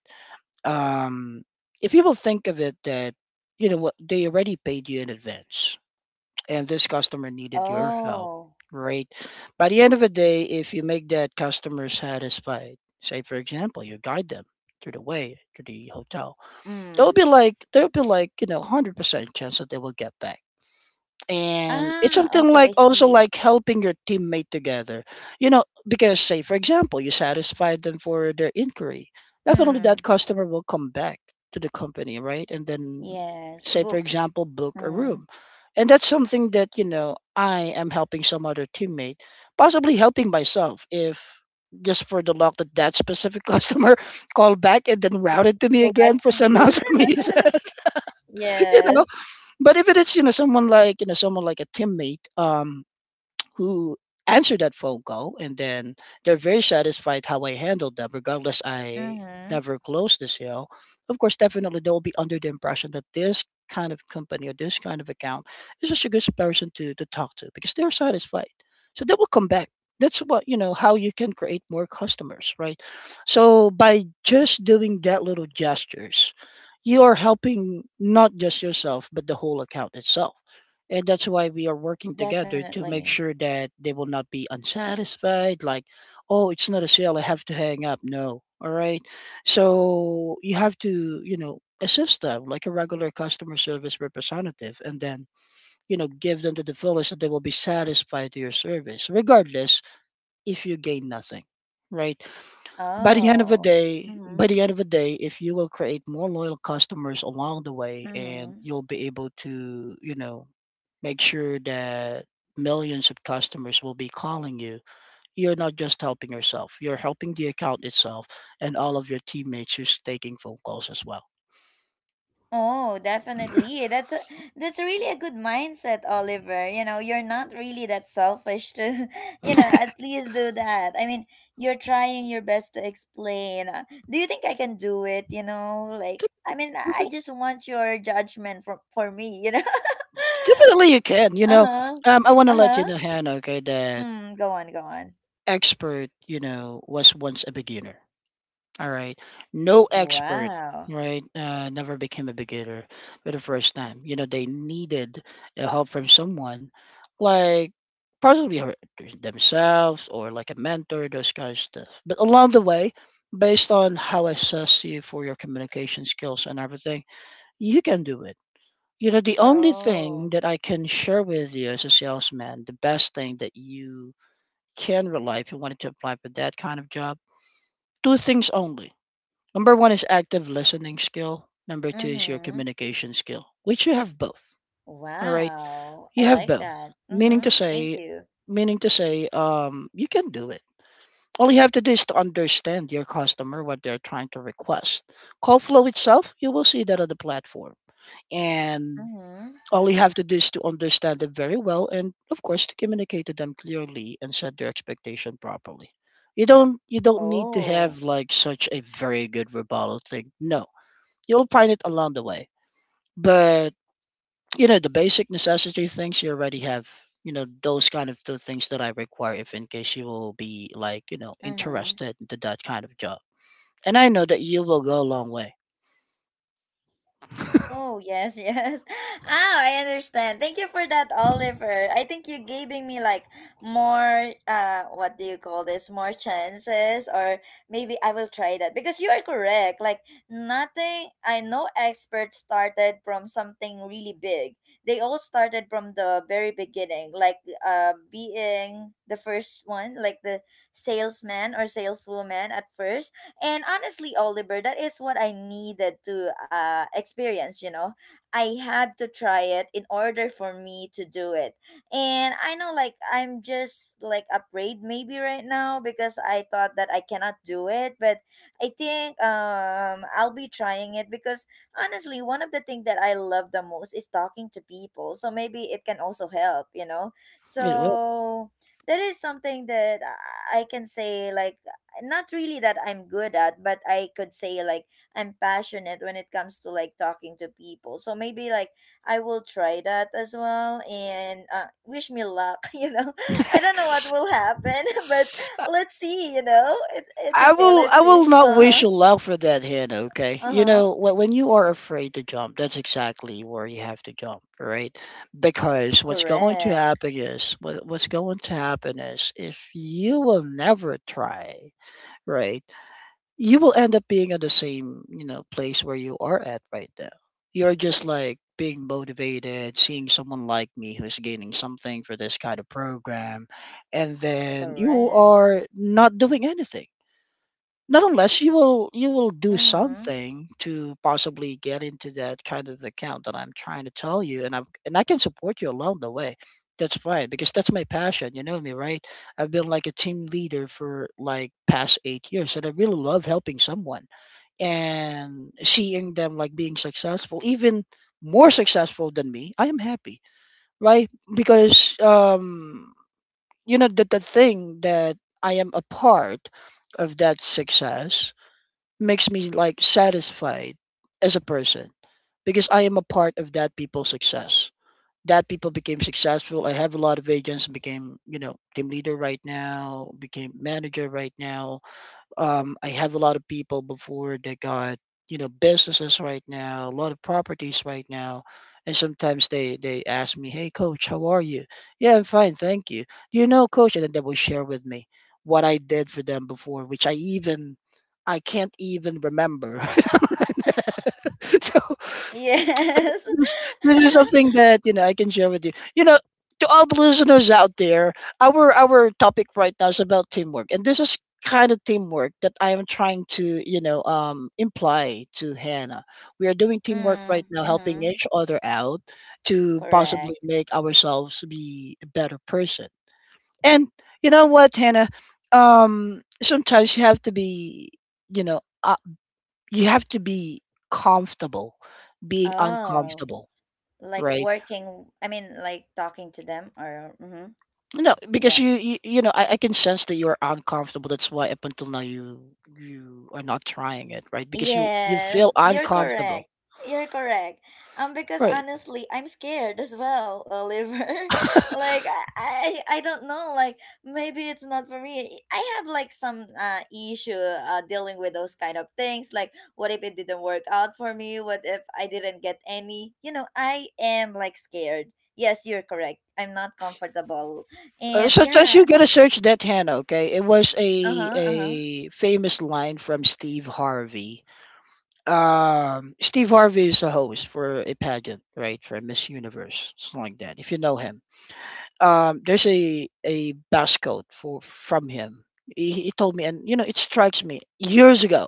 Speaker 2: um, if you will think of it, that you know what they already paid you in advance, and this customer needed your help,
Speaker 1: Oh.
Speaker 2: right? By the end of the day, if you make that customer satisfied, say for example, you guide them through the way to the hotel, they'll
Speaker 1: Mm.
Speaker 2: be like they'll be like you know hundred percent chance that they will get back, and it's
Speaker 1: Ah,
Speaker 2: something
Speaker 1: okay,
Speaker 2: like
Speaker 1: I
Speaker 2: also
Speaker 1: see.
Speaker 2: like helping your teammate together, you know, because say for example you satisfied them for their inquiry, definitely that
Speaker 1: Mm.
Speaker 2: customer will come back to the company, right? And then
Speaker 1: Yes,
Speaker 2: say for
Speaker 1: book.
Speaker 2: example book a
Speaker 1: Mm.
Speaker 2: room, and that's something that, you know, I am helping some other teammate, possibly helping myself if just for the luck that that specific customer called back and then routed to me
Speaker 1: Go back
Speaker 2: again for
Speaker 1: to
Speaker 2: somehow
Speaker 1: you.
Speaker 2: some reason. You know,
Speaker 1: Yes.
Speaker 2: but if it is, you know, someone like, you know, someone like a teammate, um, who answered that phone call and then they're very satisfied how I handled them regardless I
Speaker 1: Mm-hmm.
Speaker 2: never closed the sale. Of course definitely they'll be under the impression that this kind of company or this kind of account is just a good person to, to talk to because they're satisfied, so they will come back. That's what you know how you can create more customers, right? So by just doing that little gestures, you are helping not just yourself but the whole account itself, and that's why we are working together to make
Speaker 1: Definitely.
Speaker 2: sure that they will not be unsatisfied like, "Oh, it's not a sale, I have to hang up." No, all right, so you have to, you know, assist them like a regular customer service representative, and then, you know, give them to the fullest that they will be satisfied to your service regardless if you gain nothing, right? By the end of the
Speaker 1: Oh.
Speaker 2: day, by
Speaker 1: Mm-hmm.
Speaker 2: the end of the day, if you will create more loyal customers along the way, and
Speaker 1: Mm-hmm.
Speaker 2: you'll be able to, you know, make sure that millions of customers will be calling you, you're not just helping yourself, you're helping the account itself and all of your teammates who's taking phone calls as well.
Speaker 1: Oh, definitely. That's a that's really a good mindset, Oliver. You know, you're not really that selfish to, you know, at least do that. I mean, you're trying your best to explain. uh, Do you think I can do it? You know, like, I mean, I I
Speaker 2: Defi-
Speaker 1: just want your judgment from for me. You know.
Speaker 2: Definitely you can, you
Speaker 1: Uh
Speaker 2: know.
Speaker 1: huh.
Speaker 2: Um, I want to
Speaker 1: Uh
Speaker 2: let
Speaker 1: huh.
Speaker 2: you know, Hannah, okay, that
Speaker 1: Mm, go on. Go on.
Speaker 2: expert, you know, was once a beginner. All right. No expert,
Speaker 1: Wow.
Speaker 2: right? Uh, never became a beginner for the first time. You know, they needed uh, help from someone, like possibly her- themselves or like a mentor, those kind of stuff. But along the way, based on how I assess you for your communication skills and everything, you can do it. You know, the only thing
Speaker 1: Oh.
Speaker 2: that I can share with you as a salesman, the best thing that you can rely if you wanted to apply for that kind of job, two things only. Number one is active listening skill. Number two
Speaker 1: Mm
Speaker 2: is your
Speaker 1: hmm.
Speaker 2: communication skill, which you have both. All right,
Speaker 1: Wow.
Speaker 2: you
Speaker 1: I
Speaker 2: have
Speaker 1: like
Speaker 2: both.
Speaker 1: that. Mm
Speaker 2: Meaning to
Speaker 1: hmm. Thank
Speaker 2: say,
Speaker 1: you.
Speaker 2: Meaning to say, um, you can do it. All you have to do is to understand your customer what they're trying to request. Call flow itself, you will see that on the platform, and
Speaker 1: Mm hmm.
Speaker 2: all you have to do is to understand it very well, and of course to communicate to them clearly and set their expectation properly. You don't you don't need to have
Speaker 1: Oh.
Speaker 2: like such a very good rebuttal thing. No. You'll find it along the way. But, you know, the basic necessity things you already have, you know, those kind of two things that I require if in case you will be like, you know,
Speaker 1: Mm-hmm.
Speaker 2: interested into that kind of job. And I know that you will go a long way.
Speaker 1: Oh, yes, yes. Ah, I understand. Thank you for that, Oliver. I think you giving me like more uh what do you call this? More chances, or maybe I will try that because you are correct. Like nothing, I know experts started from something really big. They all started from the very beginning, like uh being the first one, like the salesman or saleswoman at first. And honestly, Oliver, that is what I needed to uh, experience, you know. I had to try it in order for me to do it. And I know, like, I'm just, like, afraid maybe right now because I thought that I cannot do it. But I think um, I'll be trying it because honestly, one of the things that I love the most is talking to people. So maybe it can also help, you know.
Speaker 2: It will.
Speaker 1: So that is something that I I can say, like, not really that I'm good at, but I could say like I'm passionate when it comes to like talking to people. So maybe like I will try that as well and uh, wish me luck, you know. I don't know what will happen, but
Speaker 2: I
Speaker 1: let's see, you know. It, it's
Speaker 2: I
Speaker 1: okay,
Speaker 2: will
Speaker 1: let's
Speaker 2: I
Speaker 1: see.
Speaker 2: will not wish
Speaker 1: Uh-huh.
Speaker 2: you luck for that hand, okay? You
Speaker 1: Uh-huh.
Speaker 2: know, wh- when you are afraid to jump, that's exactly where you have to jump, right? Because what's going to
Speaker 1: Correct.
Speaker 2: happen is what, what's going to happen is if you will never try, right? You will end up being at the same, you know, place where you are at right now. You're just like being motivated seeing someone like me who's gaining something for this kind of program, and then you
Speaker 1: Correct.
Speaker 2: are not doing anything, not unless you will, you will do
Speaker 1: Mhm.
Speaker 2: something to possibly get into that kind of account that I'm trying to tell you, and I'm and I can support you along the way. That's fine because that's my passion. You know me, right? I've been like a team leader for like past eight years, and I really love helping someone and seeing them like being successful, even more successful than me. I am happy, right? Because um, you know the the thing that I am a part of that success makes me like satisfied as a person because I am a part of that people's success. That people became successful. I have a lot of agents became, you know, team leader right now, became manager right now. Um, I have a lot of people before that got, you know, businesses right now, a lot of properties right now, and sometimes they they ask me, "Hey, coach, how are you?" Yeah, I'm fine, thank you. Do you know, coach? And then they will share with me what I did for them before, which I even I can't even remember. So
Speaker 1: Yes.
Speaker 2: this this is something that, you know, I can share with you. You know, to all the listeners out there, our our topic right now is about teamwork. And this is kind of teamwork that I am trying to, you know, um imply to Hannah. We are doing teamwork right
Speaker 1: Mm,
Speaker 2: now, helping
Speaker 1: mhm.
Speaker 2: each other out to possibly
Speaker 1: Correct.
Speaker 2: make ourselves be a better person. And you know what, Hannah? Um sometimes you have to be, you know, uh, you have to be comfortable being
Speaker 1: Oh.
Speaker 2: uncomfortable,
Speaker 1: Like
Speaker 2: right?
Speaker 1: working, I mean like talking to them, or mhm,
Speaker 2: No, because
Speaker 1: yeah.
Speaker 2: you you, you know I, I can sense that you're uncomfortable. That's why up until now you you are not trying it, right? Because you you feel
Speaker 1: Yes, you're
Speaker 2: uncomfortable,
Speaker 1: correct, you're correct. Um because
Speaker 2: right?
Speaker 1: honestly, I'm scared as well, Oliver. Like i i, I don't know, like maybe it's not for me. I have like some uh issue uh dealing with those kind of things, like what if it didn't work out for me, what if I didn't get any, you know I am like scared. Yes, you're correct, I'm not comfortable.
Speaker 2: Uh,
Speaker 1: And
Speaker 2: sometimes
Speaker 1: yeah.
Speaker 2: you gotta search that, Hannah. Okay, it was
Speaker 1: Uh-huh.
Speaker 2: a
Speaker 1: Uh-huh.
Speaker 2: a famous line from Steve Harvey. Um, Steve Harvey is a host for a pageant, right, for Miss Universe, something like that. If you know him, um, there's a a bus quote for from him. He, he told me, and you know, it strikes me years ago.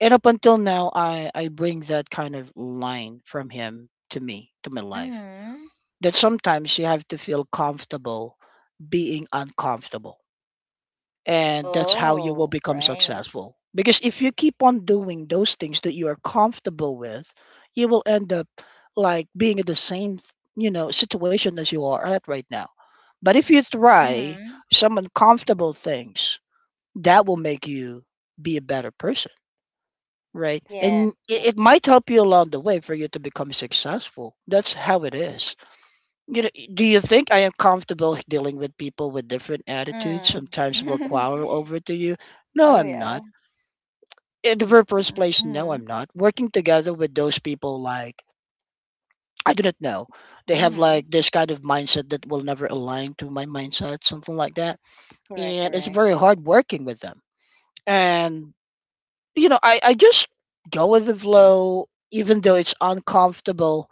Speaker 2: And up until now i i bring that kind of line from him to me to my life,
Speaker 1: Mm-hmm.
Speaker 2: that sometimes you have to feel comfortable being uncomfortable. And that's how you will
Speaker 1: Oh,
Speaker 2: become
Speaker 1: right.
Speaker 2: successful, because if you keep on doing those things that you are comfortable with, you will end up like being in the same, you know, situation as you are at right now. But if you try
Speaker 1: Mm-hmm.
Speaker 2: some uncomfortable things that will make you be a better person. Right.
Speaker 1: Yeah.
Speaker 2: And it, it might help you along the way for you to become successful. That's how it is. You know, do you think I am comfortable dealing with people with different attitudes?
Speaker 1: Mm.
Speaker 2: Sometimes will quarrel over to you. No,
Speaker 1: Oh,
Speaker 2: I'm
Speaker 1: yeah.
Speaker 2: not. In the very first place, no,
Speaker 1: Mm-hmm.
Speaker 2: I'm not. Working together with those people, like, I do not know. They have
Speaker 1: Mm-hmm.
Speaker 2: like this kind of mindset that will never align to my mindset, something like that.
Speaker 1: Correct,
Speaker 2: And it's
Speaker 1: correct.
Speaker 2: very hard working with them. And you know, I, I just go with the flow, even though it's uncomfortable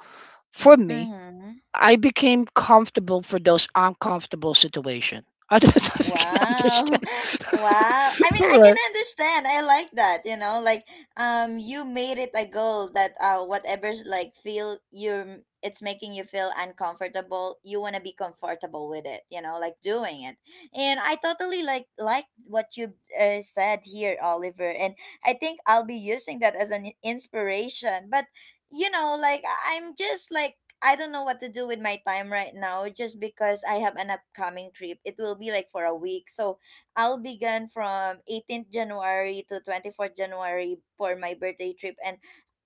Speaker 2: for me.
Speaker 1: Mm-hmm.
Speaker 2: I became comfortable for those uncomfortable situations. I don't know if you can
Speaker 1: Wow. Wow.
Speaker 2: understand.
Speaker 1: I mean,
Speaker 2: All
Speaker 1: I can
Speaker 2: right.
Speaker 1: understand. I like that, you know, like um you made it a goal that uh whatever's like feel you're it's making you feel uncomfortable, you want to be comfortable with it, you know, like doing it. And I totally like like what you uh, said here, Oliver, and I think I'll be using that as an inspiration. But you know, like I- I'm just like I don't know what to do with my time right now, just because I have an upcoming trip. It will be like for a week. So I'll be gone from eighteenth of January to twenty-fourth of January for my birthday trip. And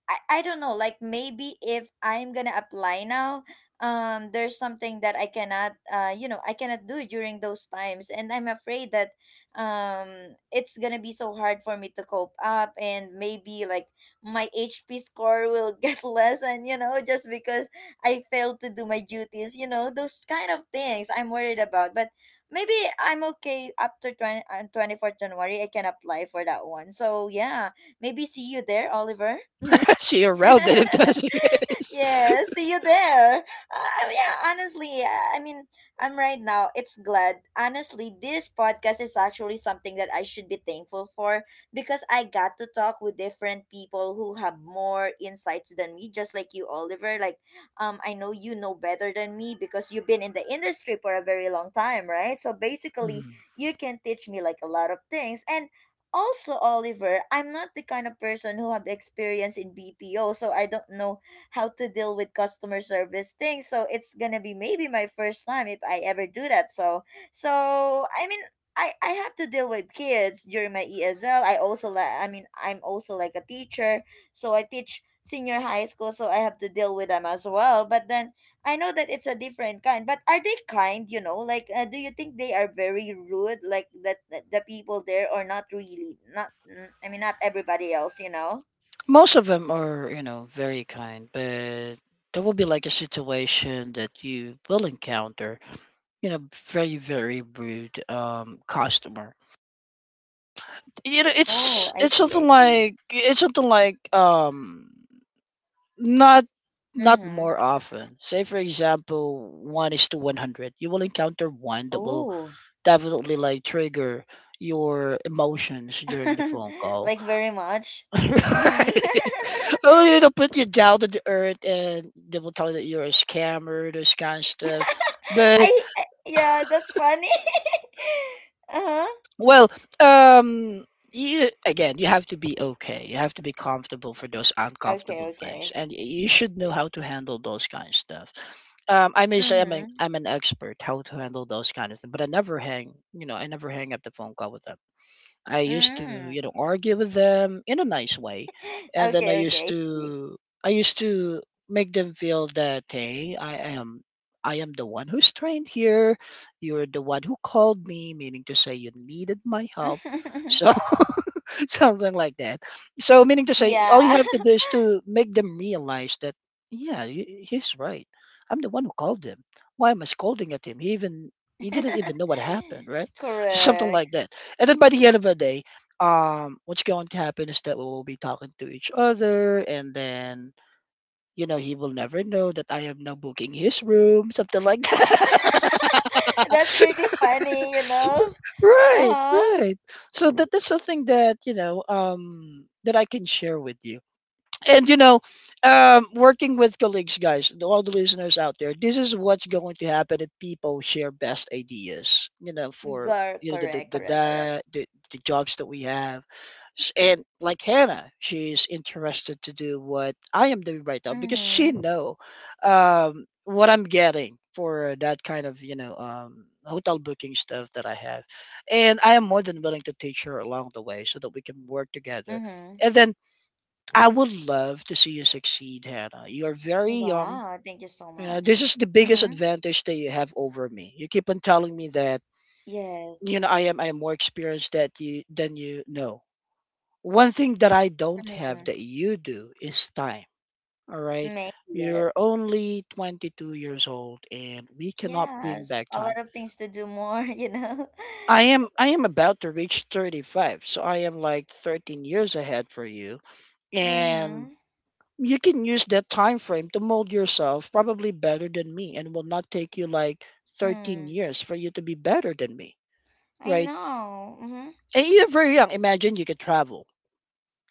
Speaker 1: I, I don't know, like maybe if I'm gonna apply now. Um there's something that I cannot, uh you know I cannot do during those times, and I'm afraid that um it's gonna be so hard for me to cope up, and maybe like my H P score will get less, and you know, just because I failed to do my duties, you know, those kind of things I'm worried about. But maybe I'm okay after twenty, uh, twenty-fourth January. I can apply for that one, so yeah, maybe see you there, Oliver.
Speaker 2: See you around it if that's the case.
Speaker 1: Yeah, see you there. Uh, yeah, honestly, uh, I mean, I'm right now. It's glad. Honestly, this podcast is actually something that I should be thankful for because I got to talk with different people who have more insights than me, just like you, Oliver. Like, um, I know you know better than me because you've been in the industry for a very long time, right? So basically,
Speaker 2: Mm.
Speaker 1: you can teach me like a lot of things. And also, Oliver, I'm not the kind of person who have experience in B P O, so I don't know how to deal with customer service things. So it's gonna be maybe my first time if I ever do that. So so I mean, I, I have to deal with kids during my E S L. I also like, I mean I'm also like a teacher, so I teach senior high school, so I have to deal with them as well. But then I know that it's a different kind. But are they kind? You know, like uh, do you think they are very rude, like that, that the people there, or not really? Not mm, I mean not everybody else. You know.
Speaker 2: Most of them are, you know, very kind, but there will be like a situation that you will encounter, you know, very, very rude um, customer. You know,
Speaker 1: Oh,
Speaker 2: it's
Speaker 1: I
Speaker 2: it's
Speaker 1: see. I
Speaker 2: something
Speaker 1: see.
Speaker 2: like it's something like um not not
Speaker 1: Mm-hmm.
Speaker 2: more often. Say for example, one is to one hundred you will encounter one that will
Speaker 1: Oh.
Speaker 2: definitely like trigger your emotions during the phone call.
Speaker 1: Like very much. Hmm.
Speaker 2: Right. Oh, you know, put you down to the earth and they will tell you that you're a scammer, those kind of stuff. But
Speaker 1: I, I yeah, that's funny. Uh-huh.
Speaker 2: well, um, you, again, you have to be okay. You have to be comfortable for those
Speaker 1: Okay,
Speaker 2: uncomfortable things,
Speaker 1: okay.
Speaker 2: and y- you should know how to handle those kind of stuff. Um, I may say I'm an
Speaker 1: Mm-hmm.
Speaker 2: I'm an expert how to handle those kind of things, but I never hang. You know, I never hang up the phone call with them. I used to,
Speaker 1: Mm.
Speaker 2: you know, argue with them in a nice way, and then I
Speaker 1: Okay,
Speaker 2: used
Speaker 1: okay.
Speaker 2: to, I used to make them feel that, hey, I am, I am the one who's trained here. You're the one who called me, meaning to say you needed my help. So something like that. So meaning to say, all you
Speaker 1: Yeah.
Speaker 2: have to do is to make them realize that yeah, he- he's right. I'm the one who called him. Why am I scolding at him? He even he didn't even know what happened, right? Something
Speaker 1: Correct.
Speaker 2: like that. And then by the end of the day, um, what's going to happen is that we will be talking to each other, and then you know he will never know that I am now booking his room, something like that.
Speaker 1: That's pretty funny, you know?
Speaker 2: Right,
Speaker 1: Uh-huh.
Speaker 2: right. So that that's something that, you know, um that I can share with you. And you know, um, working with colleagues, guys, to all the listeners out there, this is what's going to happen if people share best ideas. You know, for
Speaker 1: Gar-
Speaker 2: you know the the
Speaker 1: correct, correct, correct.
Speaker 2: the, the, the jobs that we have. S- And like Hannah, she's interested to do what I am doing right now because she
Speaker 1: Mm-hmm.
Speaker 2: know um, what I'm getting for that kind of you know um, hotel booking stuff that I have, and I am more than willing to teach her along the way so that we can work together.
Speaker 1: Mm-hmm.
Speaker 2: And then I would love to see you succeed, Hannah. You're very young.
Speaker 1: Wow, thank you so
Speaker 2: You know, this
Speaker 1: much.
Speaker 2: is the biggest
Speaker 1: Mm-hmm.
Speaker 2: advantage that you have over me. You keep on telling me that
Speaker 1: Yes.
Speaker 2: you know I am I am more experienced that you than you know one thing that I don't have
Speaker 1: Mm,
Speaker 2: that you do is time. All right.
Speaker 1: maybe yes.
Speaker 2: You're only twenty-two years old and we cannot bring
Speaker 1: Yes,
Speaker 2: back
Speaker 1: a
Speaker 2: time.
Speaker 1: lot of things to do more, you know.
Speaker 2: I am I am about to reach thirty-five, so I am like thirteen years ahead for you, and
Speaker 1: Mm-hmm.
Speaker 2: you can use that time frame to mold yourself probably better than me, and it will not take you like thirteen
Speaker 1: Mm.
Speaker 2: years for you to be better than me,
Speaker 1: I
Speaker 2: right?
Speaker 1: know. Mm-hmm.
Speaker 2: And you're very young. Imagine you could travel,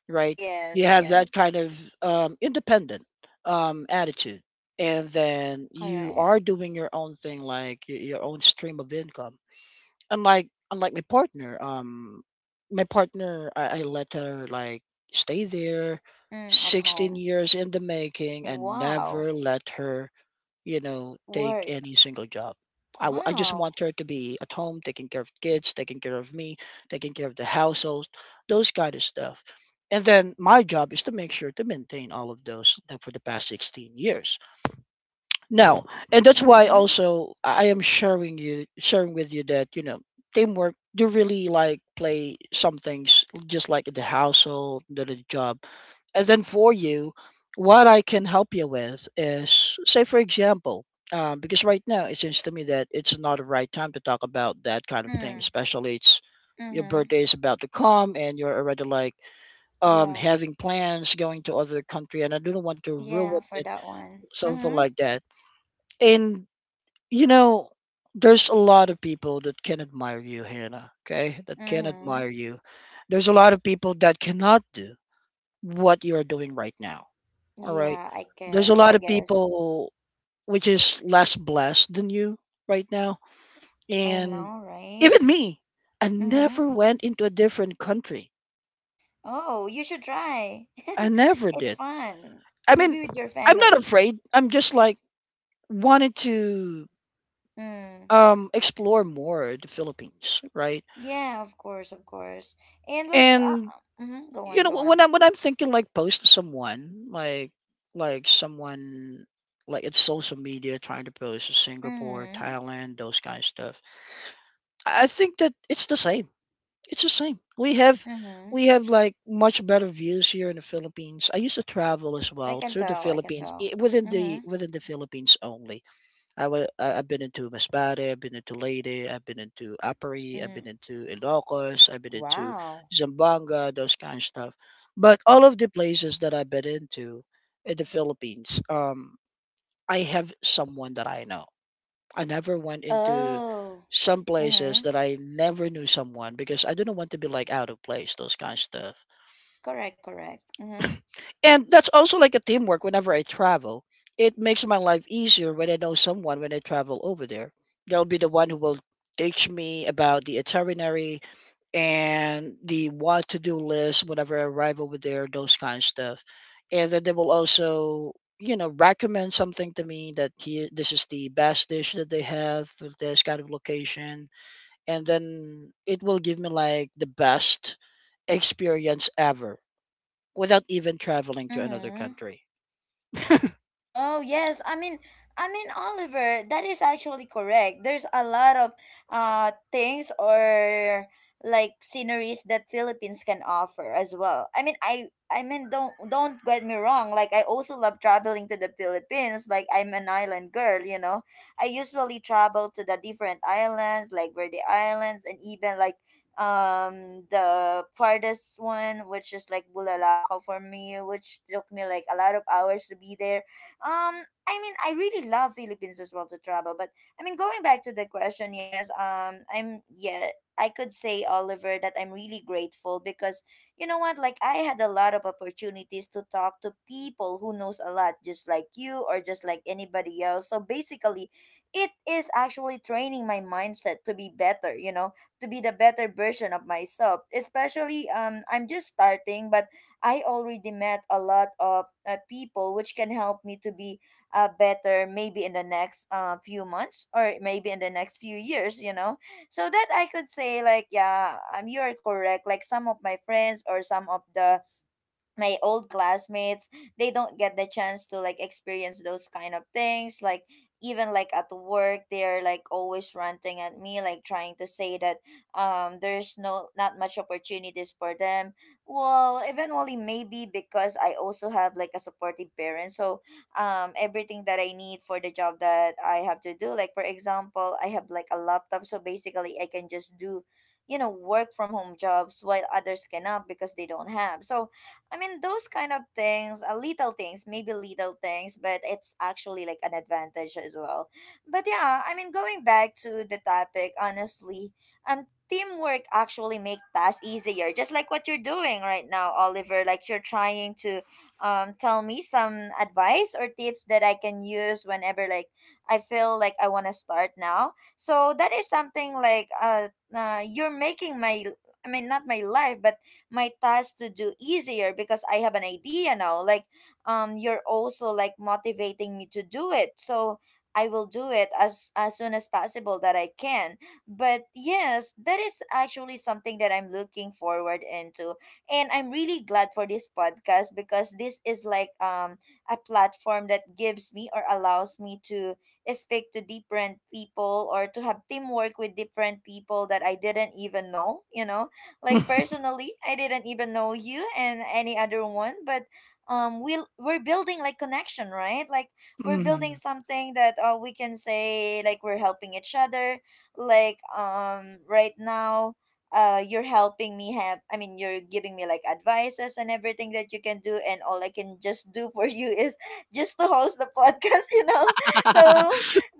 Speaker 2: right? You
Speaker 1: Yes,
Speaker 2: have that
Speaker 1: yes.
Speaker 2: kind of um, independent um, attitude, and then you
Speaker 1: Correct.
Speaker 2: are doing your own thing, like y- your own stream of income. Unlike unlike my partner, um, my partner, I, I let her like stay there,
Speaker 1: Mm, at
Speaker 2: sixteen
Speaker 1: home.
Speaker 2: years in the making, and
Speaker 1: Wow.
Speaker 2: never let her you know, take
Speaker 1: Work.
Speaker 2: any single job. I, w- I just
Speaker 1: Wow.
Speaker 2: want her to be at home, taking care of kids, taking care of me, taking care of the household, those kind of stuff. And then my job is to make sure to maintain all of those uh, for the past sixteen years. No, and that's why
Speaker 1: Mm-hmm.
Speaker 2: also I am sharing you sharing with you that you know teamwork. You really like play some things just like in the household, the, the job, and then for you, what I can help you with is say for example, um, because right now it seems to me that it's not the right time to talk about that kind of thing,
Speaker 1: Mm.
Speaker 2: especially it's your
Speaker 1: Mm-hmm.
Speaker 2: birthday is about to come and you're already like um,
Speaker 1: Yeah.
Speaker 2: having plans going to other country, and I don't want to
Speaker 1: Yeah,
Speaker 2: ruin
Speaker 1: for
Speaker 2: it,
Speaker 1: that one.
Speaker 2: something
Speaker 1: Mm-hmm.
Speaker 2: like that. And you know, there's a lot of people that can admire you, Hannah, okay? That can
Speaker 1: Mm-hmm.
Speaker 2: admire you. There's a lot of people that cannot do what you're doing right now, all right?
Speaker 1: Yeah, I
Speaker 2: There's a
Speaker 1: get, I
Speaker 2: lot of
Speaker 1: guess.
Speaker 2: people which is less blessed than you right now.
Speaker 1: I
Speaker 2: And
Speaker 1: know, right?
Speaker 2: even me, I
Speaker 1: Mm-hmm.
Speaker 2: never went into a different country.
Speaker 1: Oh, you should try.
Speaker 2: I never
Speaker 1: It's
Speaker 2: did.
Speaker 1: fun.
Speaker 2: I mean,
Speaker 1: Maybe with your
Speaker 2: I'm not
Speaker 1: family.
Speaker 2: afraid. I'm just like wanted to
Speaker 1: Mm.
Speaker 2: um explore more the Philippines, right?
Speaker 1: Yeah, of course, of course. And like, uh,
Speaker 2: And
Speaker 1: mm-hmm, go on,
Speaker 2: you know
Speaker 1: go on.
Speaker 2: when I'm when I'm thinking like posting someone like like someone like it's social media trying to post to Singapore,
Speaker 1: Mm-hmm,
Speaker 2: Thailand, those kind of stuff. I think that it's the same. It's the same. We have
Speaker 1: mm-hmm.
Speaker 2: we have like much better views here in the Philippines. I used to travel as
Speaker 1: I
Speaker 2: well
Speaker 1: can
Speaker 2: to the
Speaker 1: tell, I can
Speaker 2: Philippines
Speaker 1: tell.
Speaker 2: i- within the
Speaker 1: Mm-hmm,
Speaker 2: within the Philippines only. I wa- I- I've been into Masbate, I've been into Leyte, I've been into Apari, I've
Speaker 1: mm.
Speaker 2: been into Ilocos, I've been into
Speaker 1: Wow.
Speaker 2: Zamboanga, those kind of stuff. But all of the places that I've been into in the Philippines, um, I have someone that I know. I never went into
Speaker 1: Oh.
Speaker 2: some places
Speaker 1: Mm-hmm.
Speaker 2: that I never knew someone because I didn't want to be like out of place, those kind of stuff.
Speaker 1: Correct, correct. Mm-hmm,
Speaker 2: And that's also like a teamwork whenever I travel. It makes my life easier when I know someone when I travel over there. They'll be the one who will teach me about the itinerary and the what to do list whenever I arrive over there, those kind of stuff. And then they will also, you know, recommend something to me that he, this is the best dish that they have for this kind of location. And then it will give me like the best experience ever without even traveling to another
Speaker 1: mm-hmm.
Speaker 2: country.
Speaker 1: Oh yes, I mean, I mean Oliver, that is actually correct. There's a lot of uh things or like sceneries that Philippines can offer as well. I mean, I I mean don't don't get me wrong. Like I also love traveling to the Philippines. Like I'm an island girl, you know. I usually travel to the different islands, like Verde Islands, and even like um the farthest one, which is like Bulalakaw for me, which took me like a lot of hours to be there. um, I mean, I really love Philippines as well to travel, but I mean, going back to the question, yes, um, I'm yeah, I could say, Oliver, that I'm really grateful because you know what, like I had a lot of opportunities to talk to people who knows a lot, just like you or just like anybody else. So basically, it is actually training my mindset to be better. You know, to be the better version of myself. Especially, um, I'm just starting, but I already met a lot of uh, people which can help me to be uh, better maybe in the next uh, few months or maybe in the next few years, you know. So that I could say like yeah, um, you are correct. Like some of my friends or some of the my old classmates, they don't get the chance to like experience those kind of things, like even like at work they're like always ranting at me, like trying to say that um there's no, not much opportunities for them. Well, eventually, maybe because I also have like a supportive parent. So um everything that I need for the job that I have to do, like for example, I have like a laptop, so basically I can just do, you know, work from home jobs while others cannot because they don't have. So I mean, those kind of things, uh, little things, maybe little things, but it's actually like an advantage as well. But yeah, I mean, going back to the topic, honestly, um, teamwork actually make tasks easier, just like what you're doing right now, Oliver. Like you're trying to, um, tell me some advice or tips that I can use whenever like I feel like I want to start now. So that is something like uh, uh, you're making my. I mean, not my life, but my tasks to do easier because I have an idea now. Like, um, you're also like motivating me to do it. So I will do it as as soon as possible that I can. But yes, that is actually something that I'm looking forward into. And I'm really glad for this podcast because this is like um a platform that gives me or allows me to speak to different people or to have teamwork with different people that I didn't even know, you know. Like personally, I didn't even know you and any other one, but um, we we're building like connection, right? Like we're building
Speaker 2: Mhm.
Speaker 1: something that uh, we can say like we're helping each other. Like um, right now, uh, you're helping me have. I mean, you're giving me like advices and everything that you can do, and all I can just do for you is just to host the podcast. You know, so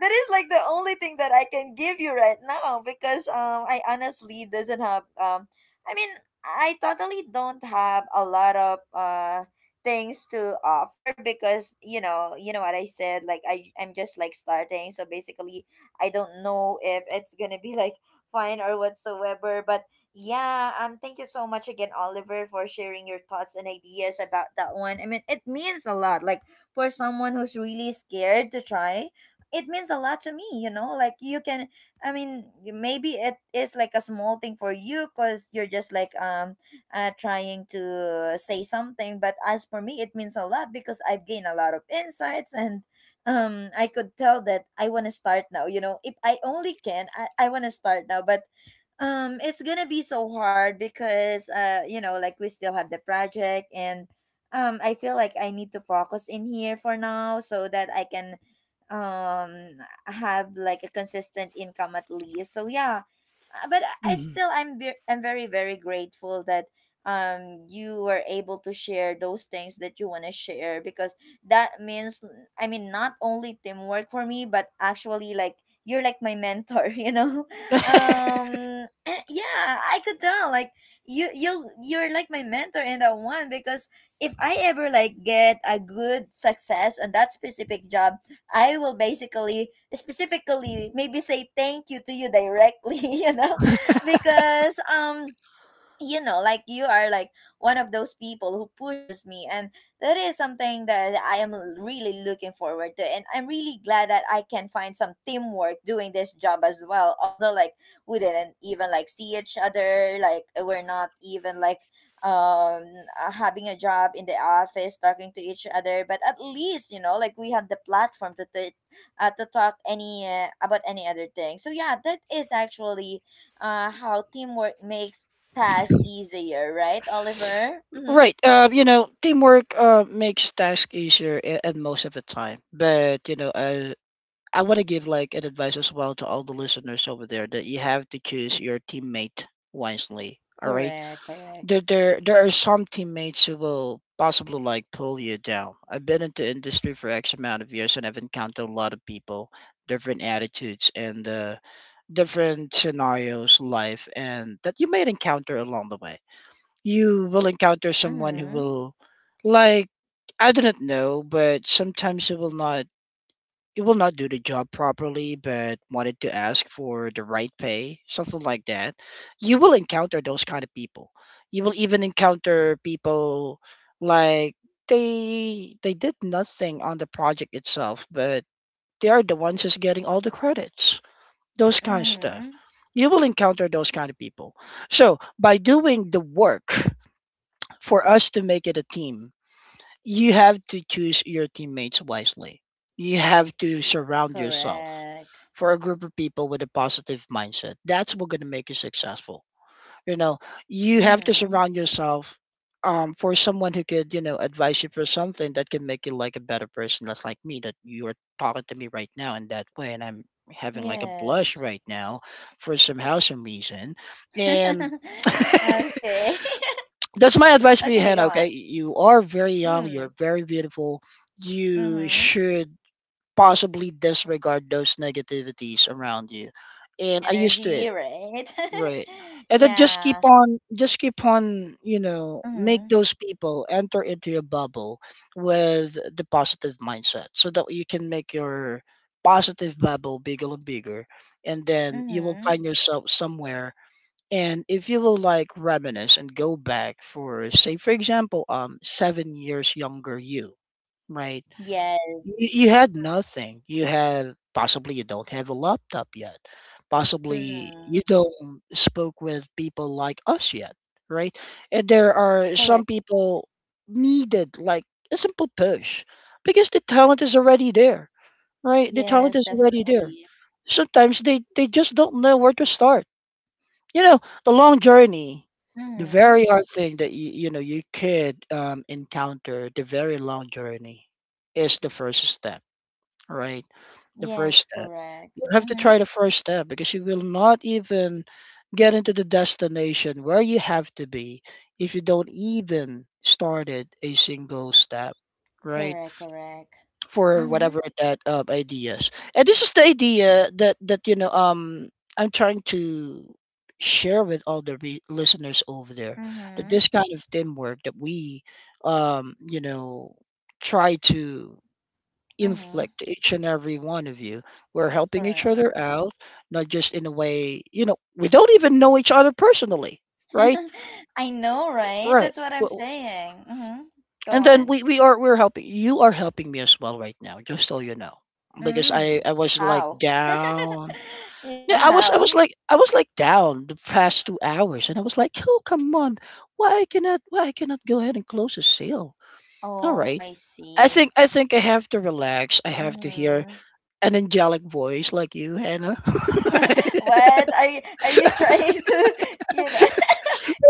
Speaker 1: that is like the only thing that I can give you right now because um I honestly doesn't have um I mean, I totally don't have a lot of uh things to offer because you know, you know what I said, like I I'm just like starting, so basically I don't know if it's going to be like fine or whatsoever, but yeah, um thank you so much again, Oliver, for sharing your thoughts and ideas about that one. I mean, it means a lot, like for someone who's really scared to try. It means a lot to me, you know? Like you can, I mean, maybe it is like a small thing for you because you're just like um uh, trying to say something. But as for me, it means a lot because I've gained a lot of insights and um I could tell that I want to start now. You know, if I only can, I, I want to start now. But um it's gonna be so hard because uh you know like we still have the project, and um I feel like I need to focus in here for now so that I can um have like a consistent income at least. So yeah. Uh, but I I
Speaker 2: Mhm.
Speaker 1: still I'm ve- I'm very very grateful that um you were able to share those things that you want to share because that means, I mean, not only teamwork for me but actually like you're like my mentor you know. um yeah, I could tell like you you you're like my mentor in that one because if I ever like get a good success on that specific job, I will basically, specifically, maybe say thank you to you directly, you know, because um you know like you are like one of those people who pushes me. And that is something that i am l- really looking forward to, and I'm really glad that I can find some teamwork doing this job as well, although like we didn't even like see each other, like we're not even like um uh, having a job in the office talking to each other. But at least you know like we had the platform to t- uh, to talk any uh, about any other thing. So yeah, that is actually uh, how teamwork makes task easier, right, Oliver? Mm-hmm.
Speaker 2: Right. Uh, you know, teamwork uh, makes tasks easier a- and most of the time. But, you know, uh, I want to give like an advice as well to all the listeners over there that you have to choose your teammate wisely. All right.
Speaker 1: Correct, correct.
Speaker 2: there there there are some teammates who will possibly like pull you down. I've been into industry for X amount of years and I've encountered a lot of people, different attitudes and uh, different scenarios, life, and that you may encounter along the way. You will encounter someone who
Speaker 1: Mm-hmm.
Speaker 2: will, like, I do not know, but sometimes who will not it will not do the job properly but wanted to ask for the right pay, something like that. You will encounter those kind of people. You will even encounter people like they they did nothing on the project itself but they are the ones who's getting all the credits, those kind of stuff.
Speaker 1: Mm-hmm.
Speaker 2: You will encounter those kind of people, so by doing the work for us to make it a team, you have to choose your teammates wisely. You have to surround yourself
Speaker 1: Correct.
Speaker 2: for a group of people with a positive mindset. That's what's going to make you successful. You know, you have to
Speaker 1: Mm-hmm.
Speaker 2: surround yourself um, for someone who could, you know, advise you for something that can make you like a better person. That's like me, that you are talking to me right now in that way, and I'm having like a blush
Speaker 1: Yes.
Speaker 2: right now for somehow some reason. And
Speaker 1: Okay.
Speaker 2: that's my
Speaker 1: Oh,
Speaker 2: advice for you,
Speaker 1: okay, go
Speaker 2: Hannah. Okay,
Speaker 1: on.
Speaker 2: you are very young.
Speaker 1: Mm.
Speaker 2: You're very beautiful. You
Speaker 1: Mm-hmm.
Speaker 2: should possibly disregard those negativities around you. And I used to
Speaker 1: Energy,
Speaker 2: it,
Speaker 1: right?
Speaker 2: right? And then just keep
Speaker 1: Yeah.
Speaker 2: on, just keep on, you know,
Speaker 1: Mm-hmm.
Speaker 2: make those people enter into your bubble with the positive mindset, so that you can make your positive bubble bigger and bigger, and then you will
Speaker 1: Mm-hmm.
Speaker 2: find yourself somewhere. And if you will like reminisce and go back for say for example um seven years younger you, right?
Speaker 1: Yes.
Speaker 2: You, you had nothing. You had Possibly you don't have a laptop yet. Possibly
Speaker 1: Mm.
Speaker 2: you don't spoke with people like us yet, right? And there are
Speaker 1: Correct.
Speaker 2: some people needed like a simple push because the talent is already there, right? The talent
Speaker 1: Yes,
Speaker 2: is already there.
Speaker 1: definitely.
Speaker 2: Sometimes they they just don't know where to start. You know the long journey, the
Speaker 1: Mm-hmm.
Speaker 2: very hard thing that you, you know you could um, encounter, the very long journey is the first step, right? The first
Speaker 1: Yes,
Speaker 2: step,
Speaker 1: correct.
Speaker 2: you have to
Speaker 1: Mm-hmm.
Speaker 2: try the first step because you will not even get into the destination where you have to be if you don't even started a single step, right?
Speaker 1: Correct, correct.
Speaker 2: For
Speaker 1: Mm-hmm.
Speaker 2: whatever that uh, ideas. And this is the idea that that you know um I'm trying to share with all the re- listeners over there that
Speaker 1: Mm-hmm.
Speaker 2: this kind of teamwork that we um you know try to
Speaker 1: Mm-hmm.
Speaker 2: inflict to each and every one of you, we're helping each
Speaker 1: Correct.
Speaker 2: other out, not just in a way, you know we don't even know each other personally, right?
Speaker 1: I know, right?
Speaker 2: Right.
Speaker 1: That's what I'm saying. Mm-hmm. Go
Speaker 2: And then
Speaker 1: on.
Speaker 2: we, we are we're helping you are helping me as well right now, just so you know. Because I,
Speaker 1: Mm.
Speaker 2: I was like
Speaker 1: How?
Speaker 2: down.
Speaker 1: You
Speaker 2: Yeah,
Speaker 1: know
Speaker 2: I was I was
Speaker 1: how?
Speaker 2: like I was like down the past two hours and I was like, oh come on, why I cannot why I cannot go ahead and close a sale. All
Speaker 1: Oh,
Speaker 2: right.
Speaker 1: I
Speaker 2: I
Speaker 1: see.
Speaker 2: think I think I have to relax. I have to hear
Speaker 1: Mm-hmm.
Speaker 2: an angelic voice like you, Hannah.
Speaker 1: What are you, are you trying to, you know,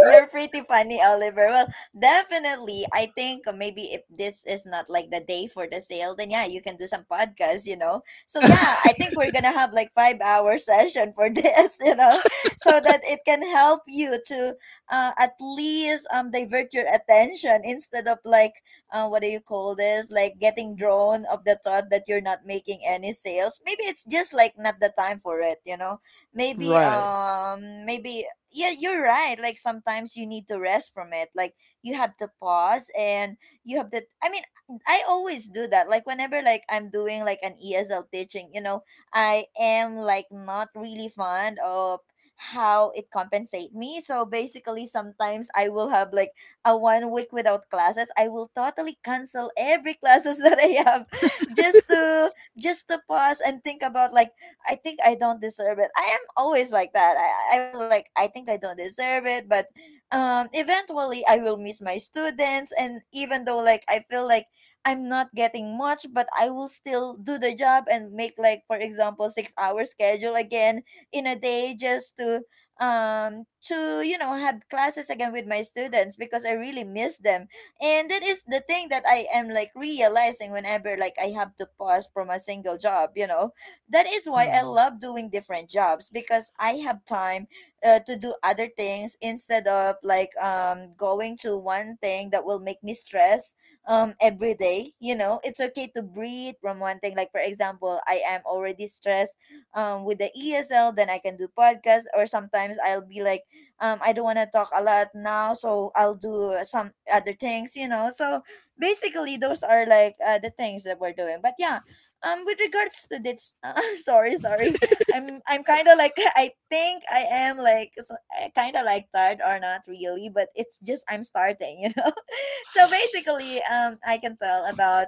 Speaker 1: you're pretty funny, Oliver. Well, definitely, I think maybe if this is not like the day for the sale, then yeah, you can do some podcasts, you know. So yeah, I think we're gonna have like five hour session for this, you know, so that it can help you to uh, at least um divert your attention instead of like uh, what do you call this? Like getting drawn of the thought that you're not making any sales. Maybe it's just like not the time for it, you know. Maybe
Speaker 2: Right.
Speaker 1: um maybe yeah, you're right. Like sometimes you need to rest from it. Like you have to pause and you have to, I mean, I always do that. Like whenever like I'm doing like an E S L teaching, you know, I am like not really fond of how it compensate me. So basically sometimes I will have like a one week without classes. I will totally cancel every classes that I have, just to just to pause and think about like I think I don't deserve it. I am always like that. I, I was like, I think I don't deserve it, but um, eventually I will miss my students. And even though like I feel like I'm not getting much, but I will still do the job and make like, for example, six hour schedule again in a day, just to um to you know have classes again with my students because I really miss them. And that is the thing that I am like realizing whenever like I have to pause from a single job, you know, that is why I
Speaker 2: Mm.
Speaker 1: love doing different jobs, because I have time uh, to do other things instead of like um going to one thing that will make me stress um every day. You know, it's okay to breathe from one thing. Like for example, I am already stressed um with the E S L, then I can do podcast, or sometimes I'll be like um I don't want to talk a lot now, so I'll do uh, some other things, you know. So basically those are like uh, the things that we're doing. But yeah, um with regards to this uh, sorry, sorry i'm i'm kind of like I think I am like kind of like tired, or not really, but it's just I'm starting, you know. So basically um I can tell about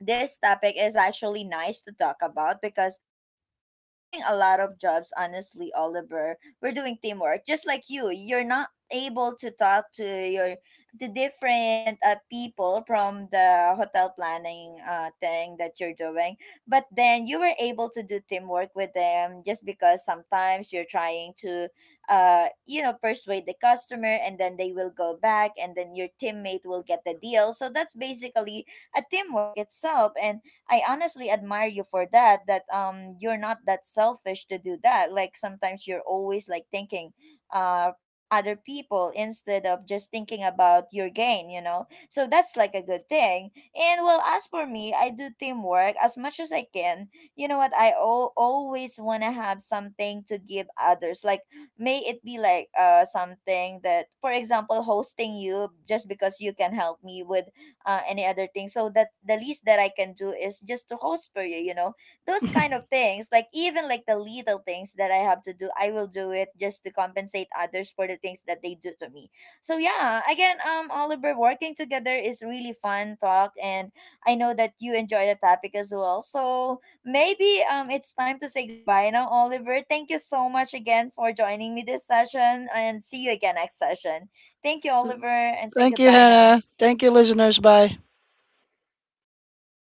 Speaker 1: this topic is actually nice to talk about because um doing a lot of jobs, honestly, Oliver, we're doing teamwork. Just like you you're not able to talk to your the different uh, people from the hotel planning uh thing that you're doing, but then you were able to do teamwork with them just because sometimes you're trying to uh you know persuade the customer, and then they will go back and then your teammate will get the deal. So that's basically a teamwork itself. And I honestly admire you for that, that um you're not that selfish to do that. Like sometimes you're always like thinking uh other people instead of just thinking about your gain, you know. So that's like a good thing. And well, as for me, I do teamwork as much as I can. You know what? I al- always want to have something to give others. Like may it be like uh something that, for example, hosting you just because you can help me with uh, any other thing. So that the least that I can do is just to host for you, you know, those kind of things. Like even like the little things that I have to do, I will do it just to compensate others for the things that they do to me. So yeah, again, um, Oliver, working together is really fun talk, and I know that you enjoy the topic as well. So maybe um, it's time to say goodbye now, Oliver. Thank you so much again for joining me this session, and see you again next session. Thank you, Oliver, and say
Speaker 2: Thank you,
Speaker 1: goodbye
Speaker 2: Hannah.
Speaker 1: now.
Speaker 2: Thank you, listeners. Bye.